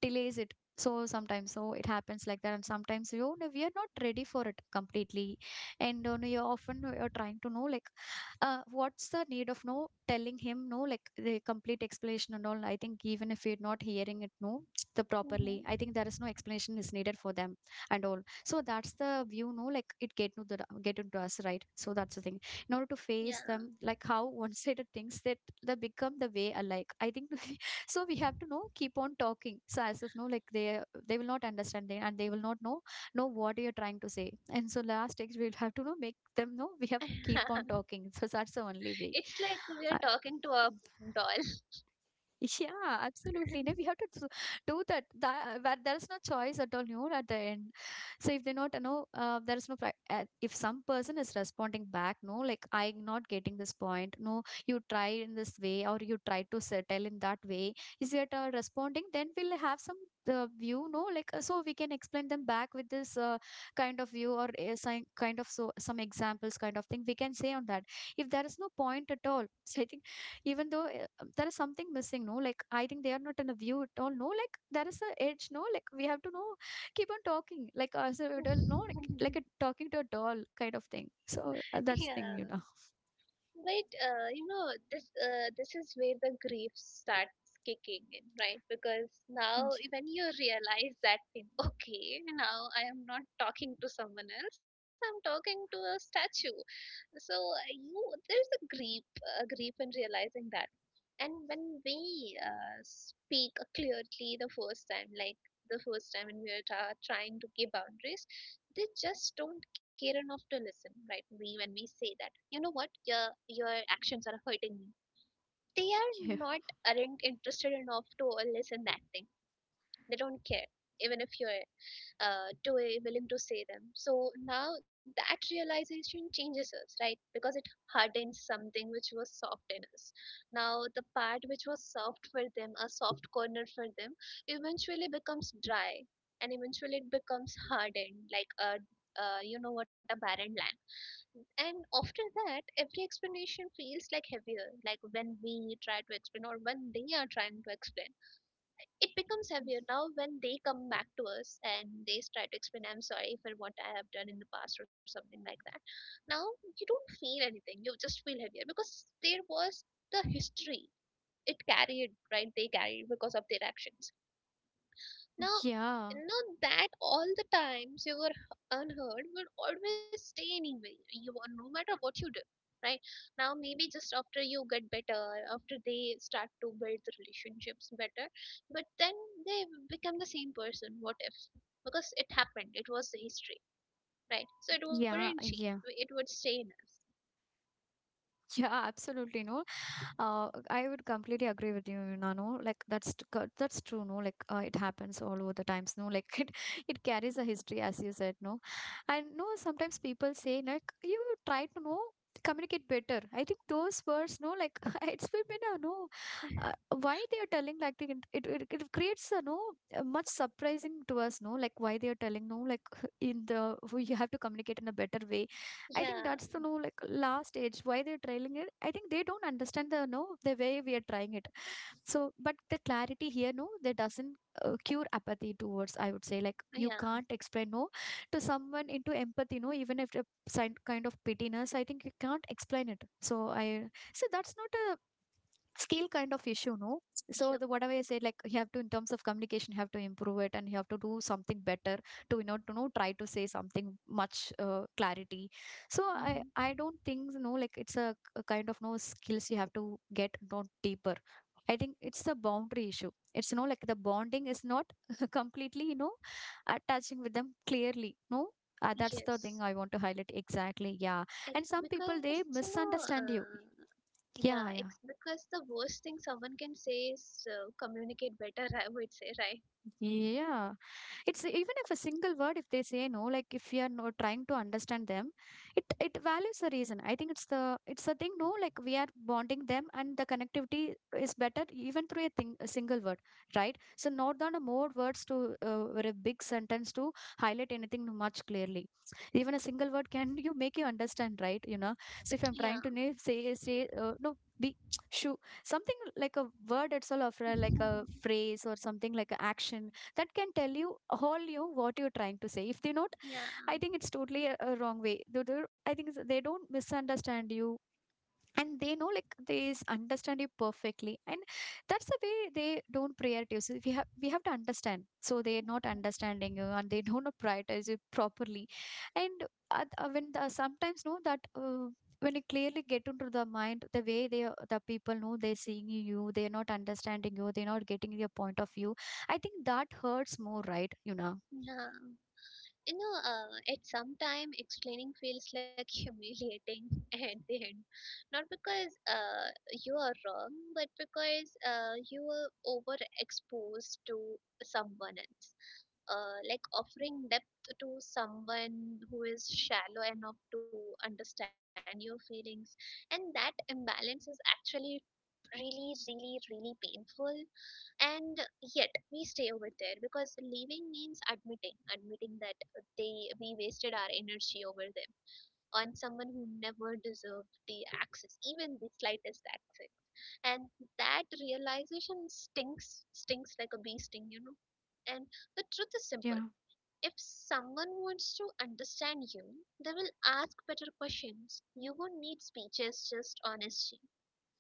B: delays it. So sometimes, so it happens like that, and sometimes you know we are not ready for it completely, and you know, you're often you're trying to know like, what's the need of no telling him no like the complete explanation and all. I think even if you're not hearing it no the properly,
A: Hmm.
B: I think there is no explanation is needed for them and all. So that's the view no like it get to the get into us, right? So that's the thing in order to
A: Yeah.
B: face them, like how one-sided things that they become the way alike, I think, so we have to know keep on talking so as if no like they will not understand they, and they will not know, know what you're trying to say, and so last text we'll have to know make them know, we have keep on talking, so that's the
A: It's
B: only
A: like
B: way.
A: we are talking
B: Uh,
A: to a doll.
B: Yeah, absolutely. No, we have to do that. That, that there is no choice at all. You know, at the end. So if they not, you know, there is no, if some person is responding back, no, like I'm not getting this point. No, you try in this way or you try to settle in that way. Is it responding? Then we'll have some. View no like So we can explain them back with this kind of view or some kind of so some examples kind of thing we can say on that if there is no point at all so I think even though there is something missing no like I think they are not in a view at all no like there is a edge no like we have to know keep on talking like as a adult no like, like a talking to a doll kind of thing so
A: Yeah.
B: that's thing you know.
A: But you know, this is where the grief starts kicking in, right? Because now
B: Yeah,
A: when you realize that thing, okay, now I am not talking to someone else, I'm talking to a statue. So you, there's a grief in realizing that. And when we speak clearly the first time, like the first time when we are trying to give boundaries, they just don't care enough to listen, right? We when we say that, you know what, your actions are hurting me, they are not, aren't interested enough to listen that thing. They don't care, even if you're to a willing to say them. So now that realization changes us, right? Because it hardens something which was soft in us. Now the part which was soft for them, a soft corner for them, eventually becomes dry, and eventually it becomes hardened, like a you know what, a barren land. And after that, every explanation feels like heavier. Like when we try to explain, or when they are trying to explain, it becomes heavier. Now when they come back to us and they try to explain, I'm sorry for what I have done in the past or something like that, now you don't feel anything, you just feel heavier, because there was the history it carried, right? They carried because of their actions. Now,
B: yeah,
A: no, that all the times you were unheard will always stay anyway. You are, no matter what you do, right? Now maybe just after you get better, after they start to build the relationships better, but then they become the same person. What if? Because it happened. It was the history, right? So it wouldn't
B: yeah,
A: change.
B: yeah,
A: It would stay in us.
B: yeah, absolutely. No, I would completely agree with you, Nano. Like that's true, no. Like it happens all over the times, no. Like it carries a history, as you said, no. And no, sometimes people say like you try to know communicate better. I think those words, no, like it's been a no. Uh, why they are telling like it creates a no a much surprising to us, no. Like why they are telling no, like in the you have to communicate in a better way. I
A: Yeah,
B: think that's the no like last stage. Why they're trailing it. I think they don't understand the no the way we are trying it. So, but the clarity here no, that doesn't cure apathy towards. I would say like you
A: yeah,
B: can't explain no to someone into empathy no, even if a sign kind of pittiness. I think you can't explain it. So I so that's not skill kind of issue no. So
A: yep,
B: the whatever I said like you have to in terms of communication you have to improve it and you have to do something better to you know to know try to say something much clarity. So i
A: hmm,
B: i don't think no like kind of no skills you have to get not deeper. I think it's a boundary issue, it's no like the bonding is not completely you know attaching with them clearly no. That's the thing
A: yes.
B: I want to highlight exactly, yeah.
A: It,
B: And some
A: because
B: people
A: you
B: they
A: know. Uh,
B: misunderstand you.
A: Yeah, it's
B: Yeah, yeah,
A: because the worst thing someone can say is communicate better, I would say, right?
B: yeah. It's even if a single word, if they say no, like if you are not trying to understand them, it values the reason. I think it's a thing. No, like we are bonding them, and the connectivity is better even through a thing a single word, right? So not down a more words to or a big sentence to highlight anything much clearly. Even a single word can you make you understand, right? You know. So if I'm
A: Yeah.
B: trying to say say no be shoo something like a word itself or like a phrase or something like an action that can tell you all you what you're trying to say if they not.
A: Yeah.
B: I think it's totally a wrong way. I think they don't misunderstand you and they know like they understand you perfectly and that's the way they don't prioritize you. We have to understand so they're not understanding you and they don't prioritize you properly. And when the, sometimes know that when you clearly get into the mind the people know they're seeing you, they're not understanding you, they're not getting your point of view. I think that hurts more, right, you know.
A: Yeah. You know, at some time explaining feels like humiliating at the end. Not because you are wrong, but because you were overexposed to someone else. Like offering depth to someone who is shallow enough to understand your feelings. And that imbalance is actually really, really, really painful. And yet we stay over there, because leaving means admitting that they we wasted our energy over them, on someone who never deserved the access, even the slightest access. And that realization stinks like a bee sting, you know. And the truth is simple: if someone wants to understand you, they will ask better questions. You won't need speeches, just honesty.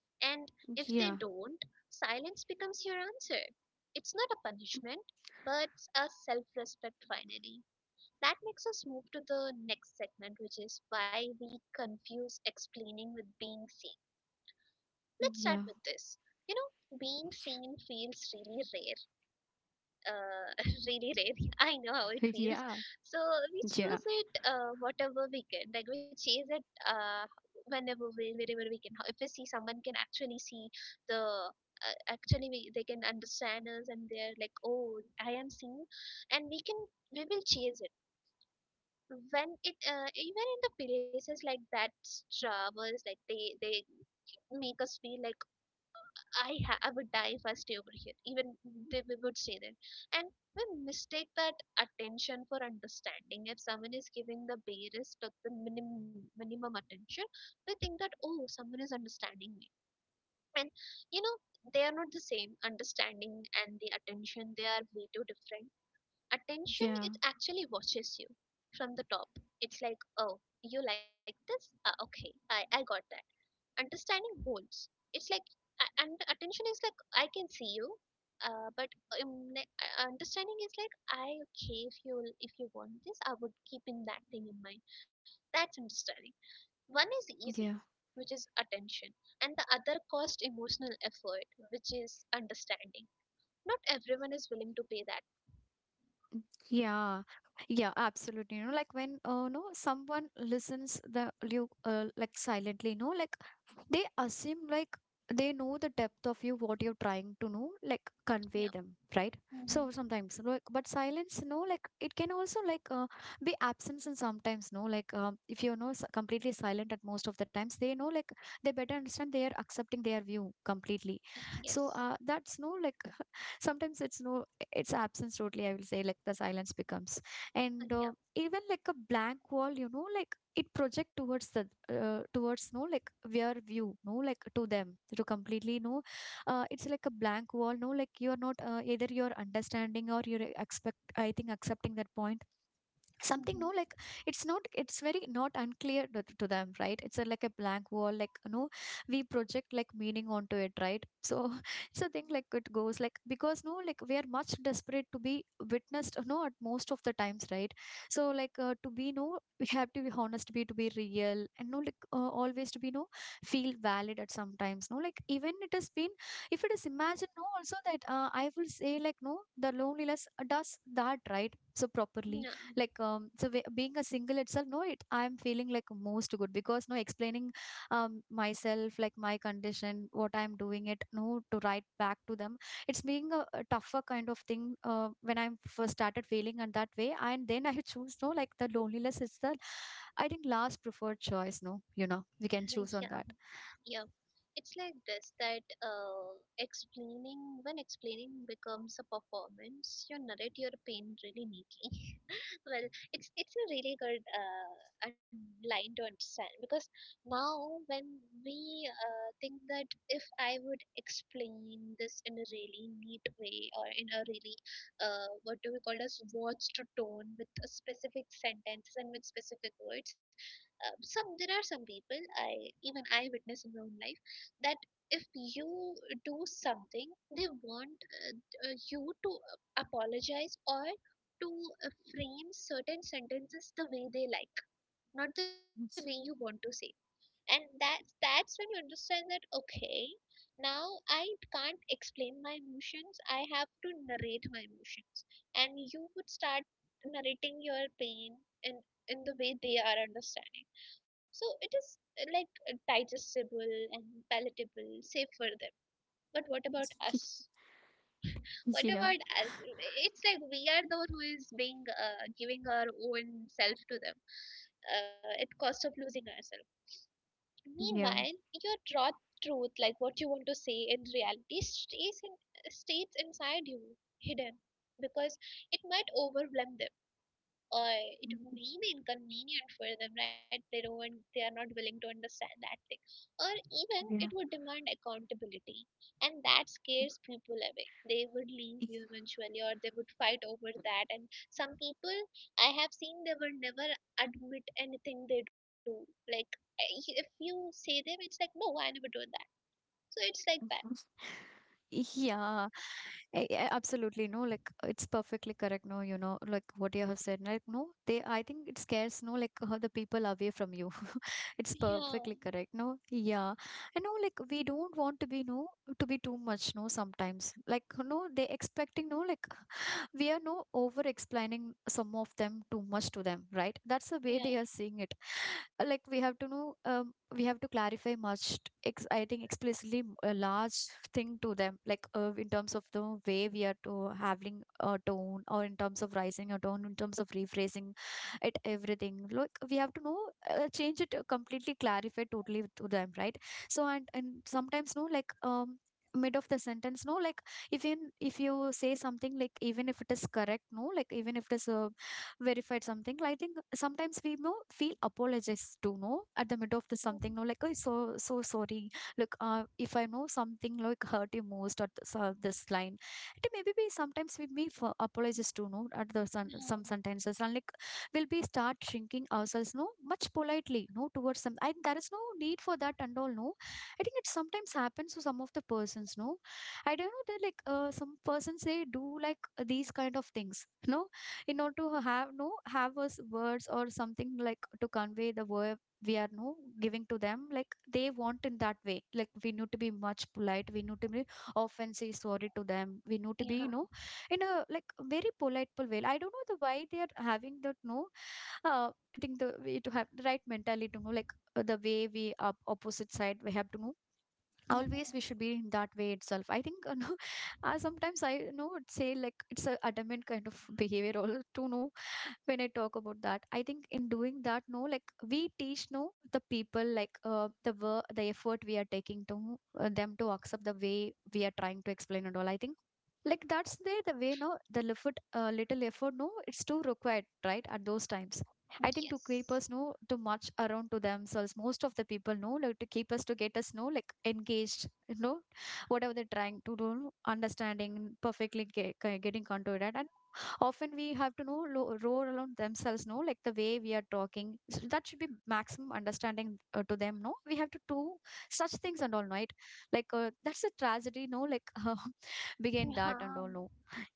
A: And if they
B: Yeah.
A: don't, silence becomes your answer. It's not a punishment, but a self respect finally. That makes us move to the next segment, which is why we confuse explaining with being seen. Let's start
B: Yeah,
A: with this. You know, being seen feels really rare, uh, really rainy. I know how it feels.
B: yeah,
A: So we
B: yeah,
A: choose it whatever we can. Like we chase it whenever we, wherever we can. If we see someone can actually see the. Actually, we, they can understand us, and they're like, "Oh, I am seen," and we will chase it. When it even in the places like that, travels like they make us feel like I I would die if I stay over here. Even they would stay there. And we mistake that attention for understanding. If someone is giving the barest of the minimum attention, we think that, oh, someone is understanding me. And you know, they are not the same. Understanding and the attention, they are way too different. Attention,
B: yeah,
A: it actually watches you from the top. It's like, oh, you like this? Ah, okay, I got that. Understanding goals, it's like, and attention is like, I can see you. Uh, but understanding is like, I, okay, if you, if you want this, I would keep in that thing in mind. That's understanding. One is easy,
B: yeah.
A: which is attention, and the other cost emotional effort, which is understanding. Not everyone is willing to pay that.
B: Yeah, yeah, absolutely. You know, like when no someone listens the you like silently, you know, like they assume like they know the depth of you, what you're trying to know, like
A: Yeah.
B: convey them, right?
A: Hmm.
B: So sometimes, like, but silence, no, like it can also like be absence and sometimes, no, like if you're no completely silent at most of the times, they know like they better understand they are accepting their view completely. So
A: Yes.
B: that's no like sometimes it's no it's absence totally I will say like the silence becomes. And
A: Yeah.
B: even like a blank wall you know like it project towards the towards no like their view no like to them to completely no it's like a blank wall no like you are not either you're understanding or you're expect I think accepting that point something
A: Mm-hmm.
B: no like it's not it's very not unclear to them, right? It's a, like a blank wall like no we project like meaning onto it, right? So it's a thing like it goes like because no like we are much desperate to be witnessed no at most of the times, right? So like to be no we have to be honest be to be real and no like always to be no feel valid at sometimes no like even it has been if it is imagined no also that I will say like no the loneliness does that, right, so properly. Like so we, being a single itself no it I'm feeling like most good because no explaining myself like my condition what I'm doing it no to write back to them. It's being a tougher kind of thing when I'm first started feeling and that way and then I choose no like the loneliness is the I think last preferred choice no you know we can
A: Yeah.
B: choose on
A: Yeah.
B: that.
A: Yeah. It's like this, that explaining, when explaining becomes a performance, you narrate your pain really neatly. Well, it's a really good line to understand, because now when we think that if I would explain this in a really neat way, or in a really what do we call as watched tone, with a specific sentence and with specific words, some there are some people I, even I, witness in my own life, that if you do something, they want you to apologize, or to frame certain sentences the way they like, not the way you want to say. And that's when you understand that, okay, now I can't explain my emotions. I have to narrate my emotions, and you would start narrating your pain in in the way they are understanding. So it is like digestible and palatable, safe for them. But what about us? What
B: Yeah,
A: about us? It's like we are the one who is being giving our own self to them, at cost of losing ourselves. Meanwhile, your raw truth, like what you want to say in reality, stays inside you hidden, because it might overwhelm them. Uh, it may be inconvenient for them, right? They don't, they are not willing to understand that thing, or even it
B: yeah.
A: would demand accountability, and that scares people away. They would leave you eventually, or they would fight over that. And some people, I have seen, they will never admit anything they do. Like, if you say them, it's like, no, I never do that. So it's like that.
B: Yeah, absolutely. No, like it's perfectly correct. No, you know, like what you have said. Like, no, they, I think it scares, no, like the people away from you. It's
A: Yeah,
B: perfectly correct. No, yeah. I know, like we don't want to be, no, to be too much, no, sometimes. Like, no, they expecting, no, like we are no over explaining some of them too much to them, right? That's the way they
A: yeah,
B: are seeing it. Like we have to know we have to clarify much I think explicitly a large thing to them like in terms of the way we are to having a tone or in terms of rising a tone in terms of rephrasing it everything like we have to know change it completely clarify totally to them, right? So and sometimes no like mid of the sentence no like even if you say something like even if it is correct no like even if it is verified something I think sometimes we know feel apologize to no at the middle of the something no like oh so so sorry look if I know something like hurt you most at this, this line, it maybe be sometimes we may for apologize to no at the some
A: Mm-hmm.
B: sentences and like we'll be start shrinking ourselves no much politely no towards some and there is no need for that and all no. I think it sometimes happens to some of the persons no. I don't know that like some persons they do like these kind of things, no, in order to have no have us words or something like to convey the word we are no giving to them like they want in that way like we need to be much polite, we need to be often say sorry to them, we need to
A: Yeah,
B: be you know
A: yeah.
B: in a like very polite way. I don't know the why they are having that no. I think the way to have the right mentality to know, like the way we are opposite side, we have to know
A: Mhm.
B: always we should be in that way itself I think no, sometimes I you know would say like it's a adamant kind of behavior all to know when I talk about that. I think in doing that no like we teach no the people like the effort we are taking to them to accept the way we are trying to explain and all I think like that's the way no the effort little effort no it's too required, right, at those times. I think to keep
A: Yes.
B: us know too much around to themselves. Most of the people know like to keep us to get us know like engaged. You know whatever they're trying to do, understanding perfectly getting onto it, and often we have to know roar around themselves no like the way we are talking so that should be maximum understanding to them no we have to do such things and all, right? Like that's a tragedy no like begin that and
A: Yeah.
B: all no.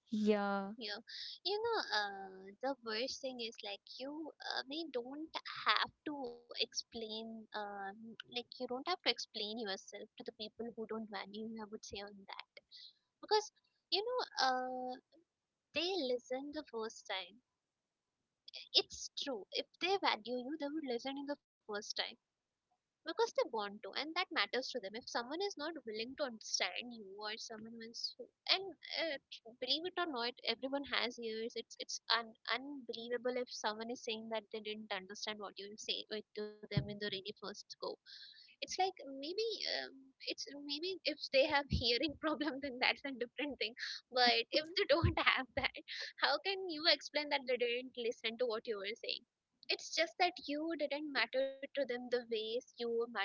B: Yeah.
A: Yeah, you know, the worst thing is like you, we don't have to explain, like, you don't have to explain yourself to the people who don't value you. I would say on that, because you know, they listen the first time. It's true. If they value you, they would listen in the first time, because they want to, and that matters to them. If someone is not willing to understand you, or someone who is, and uh, believe it or not, everyone has ears. It's unbelievable if someone is saying that they didn't understand what you say to them in the really first go. It's like, maybe um, it's maybe if they have hearing problem, then that's a different thing. But if they don't have that, how can you explain that they didn't listen to what you were saying? It's just that you didn't matter to them the ways you matter,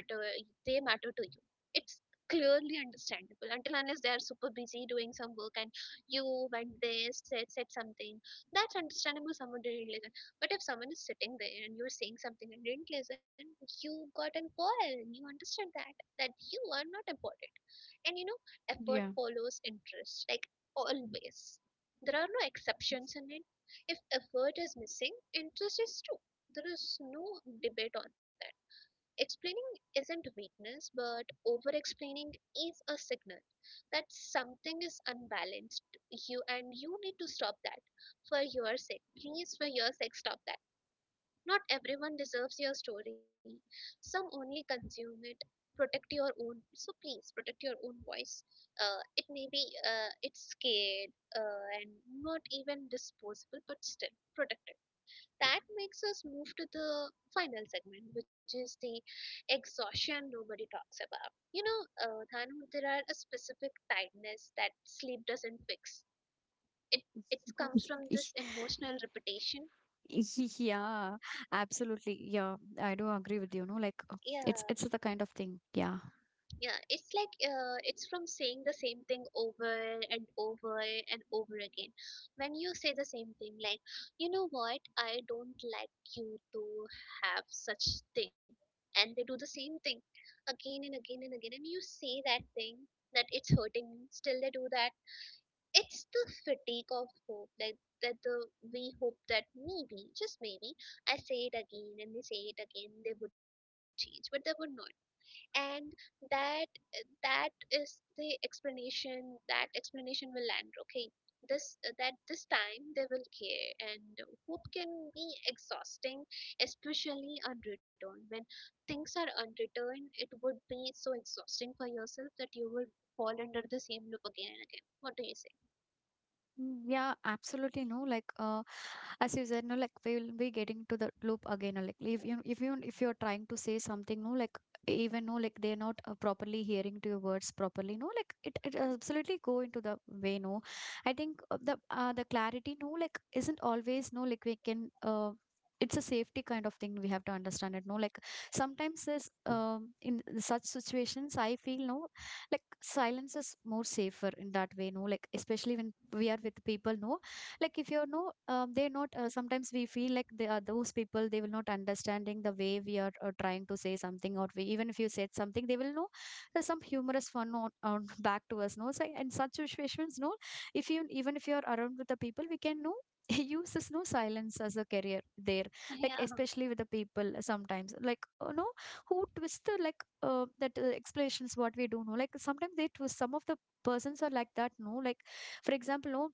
A: they matter to you. It's clearly understandable, until unless they are super busy doing some work and you went there, said something. That's understandable, someone didn't listen. But if someone is sitting there and you're saying something and didn't listen, you got an quarrel and you understood that, that you are not important. And you know, effort
B: Yeah.
A: follows interest, like, always. There are no exceptions in it. If effort is missing, interest is too. There is no debate on that. Explaining isn't weakness, but over explaining is a signal that something is unbalanced. You, and you need to stop that, for your sake. Please, for your sake, stop that. Not everyone deserves your story. Some only consume it. Protect your own. So please protect your own voice. It may be it's scared and not even disposable, but still protect it. That makes us move to the final segment, which is the exhaustion nobody talks about. You know, Dhanu, there are a specific tiredness that sleep doesn't fix. It it comes from this emotional repetition.
B: Yeah, absolutely. Yeah, I do agree with you, no, like
A: Yeah.
B: it's the kind of thing. Yeah.
A: Yeah, it's like it's from saying the same thing over and over and over again. When you say the same thing, like, you know what, I don't like you to have such thing, and they do the same thing again and again and again, and you say that thing that it's hurting me. Still, they do that. It's the fatigue of hope, like that the we hope that maybe, just maybe, I say it again and they say it again, they would change, but they would not. And that that is the explanation. That explanation will land okay. This, that this time they will care, and hope can be exhausting, especially unreturned. When things are unreturned, it would be so exhausting for yourself that you would fall under the same loop again and again. What do you say?
B: Mm, yeah, absolutely no. As you said, no, like we'll be getting to the loop again. Or like if you're trying to say something, no, like even no, like they're not properly hearing to your words properly, no, like it absolutely go into the way. No, I think the clarity, no, like isn't always no, like we can It's a safety kind of thing we have to understand it. No, like sometimes there's in such situations I feel no, like silence is more safer in that way no, like especially when we are with people no, like if you know, they're not sometimes we feel like they are those people they will not understanding the way we are trying to say something, or we even if you said something they will know there's some humorous fun on back to us no, so in such situations no, if you even if you're around with the people we can know use this no silence as a career there, like
A: Yeah.
B: especially with the people sometimes like you know who twist the like that explanations what we do know, like sometimes they twist some of the persons are like that no, like for example, no,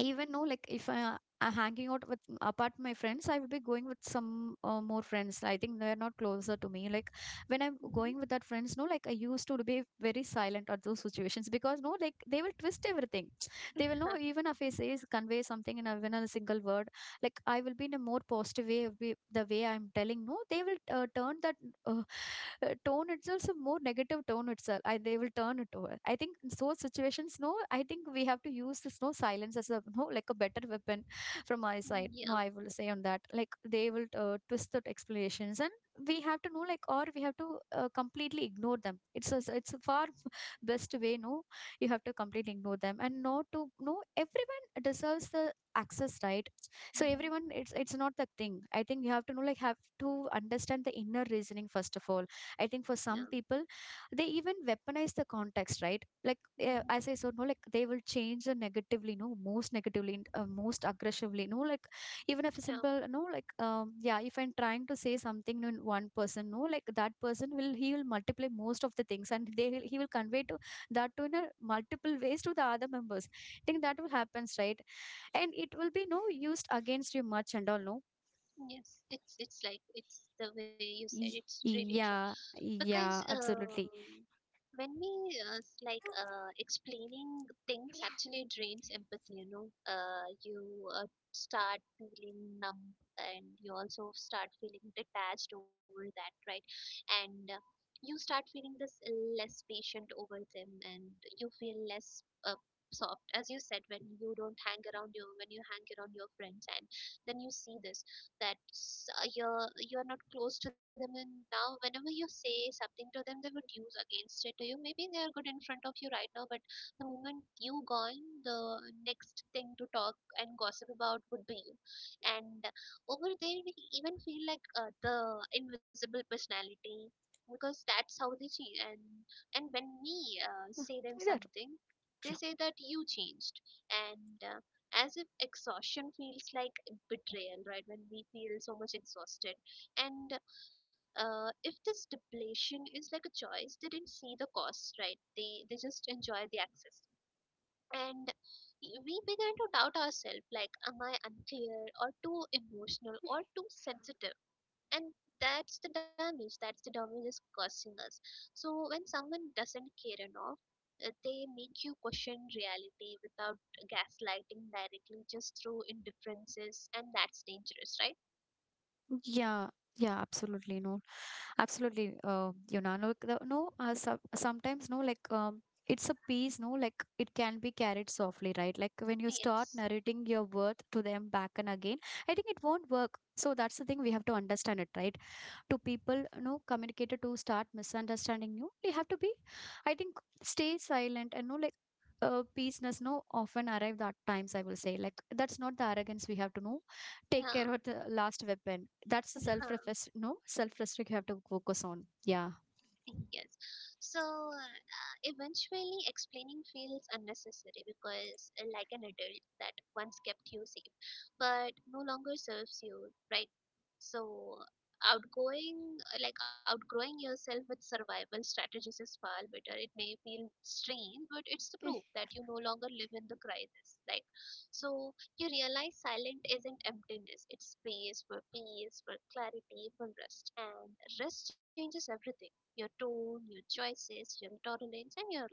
B: even no, like if I am hanging out with apart my friends, I will be going with some more friends. I think they are not closer to me. Like when I'm
A: Mhm.
B: going with that friends, no, like I used to be very silent at those situations because no, like they will twist everything. They will know
A: Huh.
B: even if I say convey something in a, even a single word, like I will be in a more positive way of the way I'm telling no, they will turn that uh, tone itself a more negative tone itself. I, they will turn it over. I think in those situations no, I think we have to use this no silence as a no, like a better weapon from my side. No,
A: Yeah.
B: I will say on that, like they will twist the explanations, and we have to know like, or we have to completely ignore them. It's a, it's a far best way no, you have to completely ignore them and not to no, everyone deserves the access, right? So
A: Mhm.
B: everyone, it's not the thing. I think you have to know, like have to understand the inner reasoning first of all. I think
A: Yeah.
B: for some people they even weaponize the context, right? Like
A: Mhm.
B: as I said no, like they will change the negatively no, most negatively and, most aggressively no, like even if a
A: Yeah.
B: simple no, like yeah, if I'm trying to say something in one person no, like that person will, he will multiply most of the things, and they will, he will convey to that to in a multiple ways to the other members. I think that will happens, right? And it will be no, used against you much and all no.
A: Yes, it's like it's the way you said,
B: Y-
A: it's really true.
B: yeah.
A: Because
B: Yeah, absolutely.
A: when we explaining things actually drains empathy, you uh, start feeling numb, and you also start feeling detached over that, right? And you start feeling this less patient over them, and you feel less soft. As you said, when you don't hang around your, when you hang around your friends, and then you see this, that you're not close to them, and now whenever you say something to them, they would use against it to you. Maybe they are good in front of you right now, but the moment you gone, the next thing to talk and gossip about would be you. And over there, we even feel like the invisible personality, because that's how they change. And when we say them
B: Either-
A: something, they say that you changed. And as if exhaustion feels like betrayal, right? When we feel so much exhausted, and if this depletion is like a choice, they didn't see the cost, right? They just enjoy the access. And we began to doubt ourselves, like am I unclear, or too emotional, or too sensitive? And that's the damage. That's the damage is causing us. So when someone doesn't care enough, they make you question reality without gaslighting directly, just through indifferences, and that's dangerous, right?
B: yeah. Yeah, absolutely no. Absolutely you know no, no sometimes no, like it's a piece no, like it can be carried softly, right? Like when you start
A: It's
B: narrating your worth to them back and again, I think it won't work. So that's the thing we have to understand it, right? To people you know, communicator to start misunderstanding you, we have to be, I think, stay silent and know like peaceness no, often arrive at times I will say, like that's not the arrogance. We have to know, take care
A: numb.
B: of the last weapon. That's the self reflex no, self restrict you have to focus on. Yeah.
A: Yes. So eventually, explaining feels unnecessary because, like an adult that once kept you safe but no longer serves you, right? So, outgoing, like outgrowing yourself with survival strategies is far better. It may feel strange, but it's the proof that you no longer live in the crisis, right? So, you realize silent isn't emptiness, it's space for peace, for clarity, for rest. And rest changes everything, your tone, your choices, your tolerance, and your life.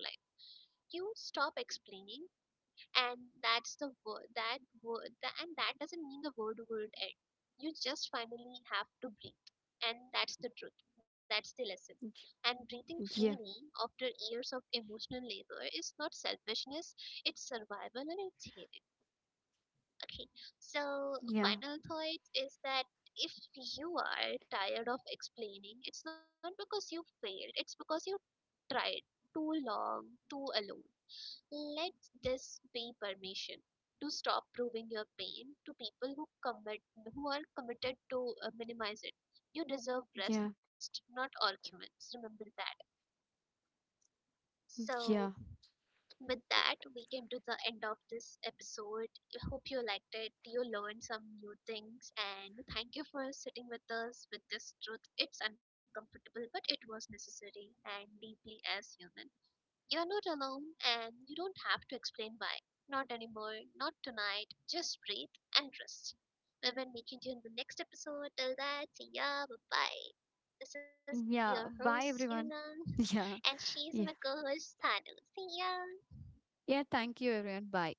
A: You stop explaining, and that's the word. That word, tha- and that doesn't mean the word would end. You just finally have to breathe, and that's the truth. That's the lesson. And breathing freely
B: Yeah,
A: after years of emotional labor is not selfishness; it's survival and it's healing. Okay, so
B: yeah,
A: final thought is that if you are tired of explaining, it's not because you failed, it's because you tried too long, too alone. Let this be permission to stop proving your pain to people who commit, who are committed to minimize it. You deserve
B: yeah,
A: rest, not arguments. Remember that. So,
B: yeah.
A: with that, we came to the end of this episode. I hope you liked it. You learned some new things. And thank you for sitting with us with this truth. It's uncomfortable, but it was necessary and deeply as human. You're not alone, and you don't have to explain why. Not anymore, not tonight. Just breathe and rest. We will meet you in the next episode. Till that, see ya, bye bye. This is your
B: Yeah,
A: host,
B: bye everyone.
A: Yuna, and
B: Yeah.
A: she's my
B: Yeah,
A: co host, Thanu. See ya.
B: yeah, thank you everyone, bye.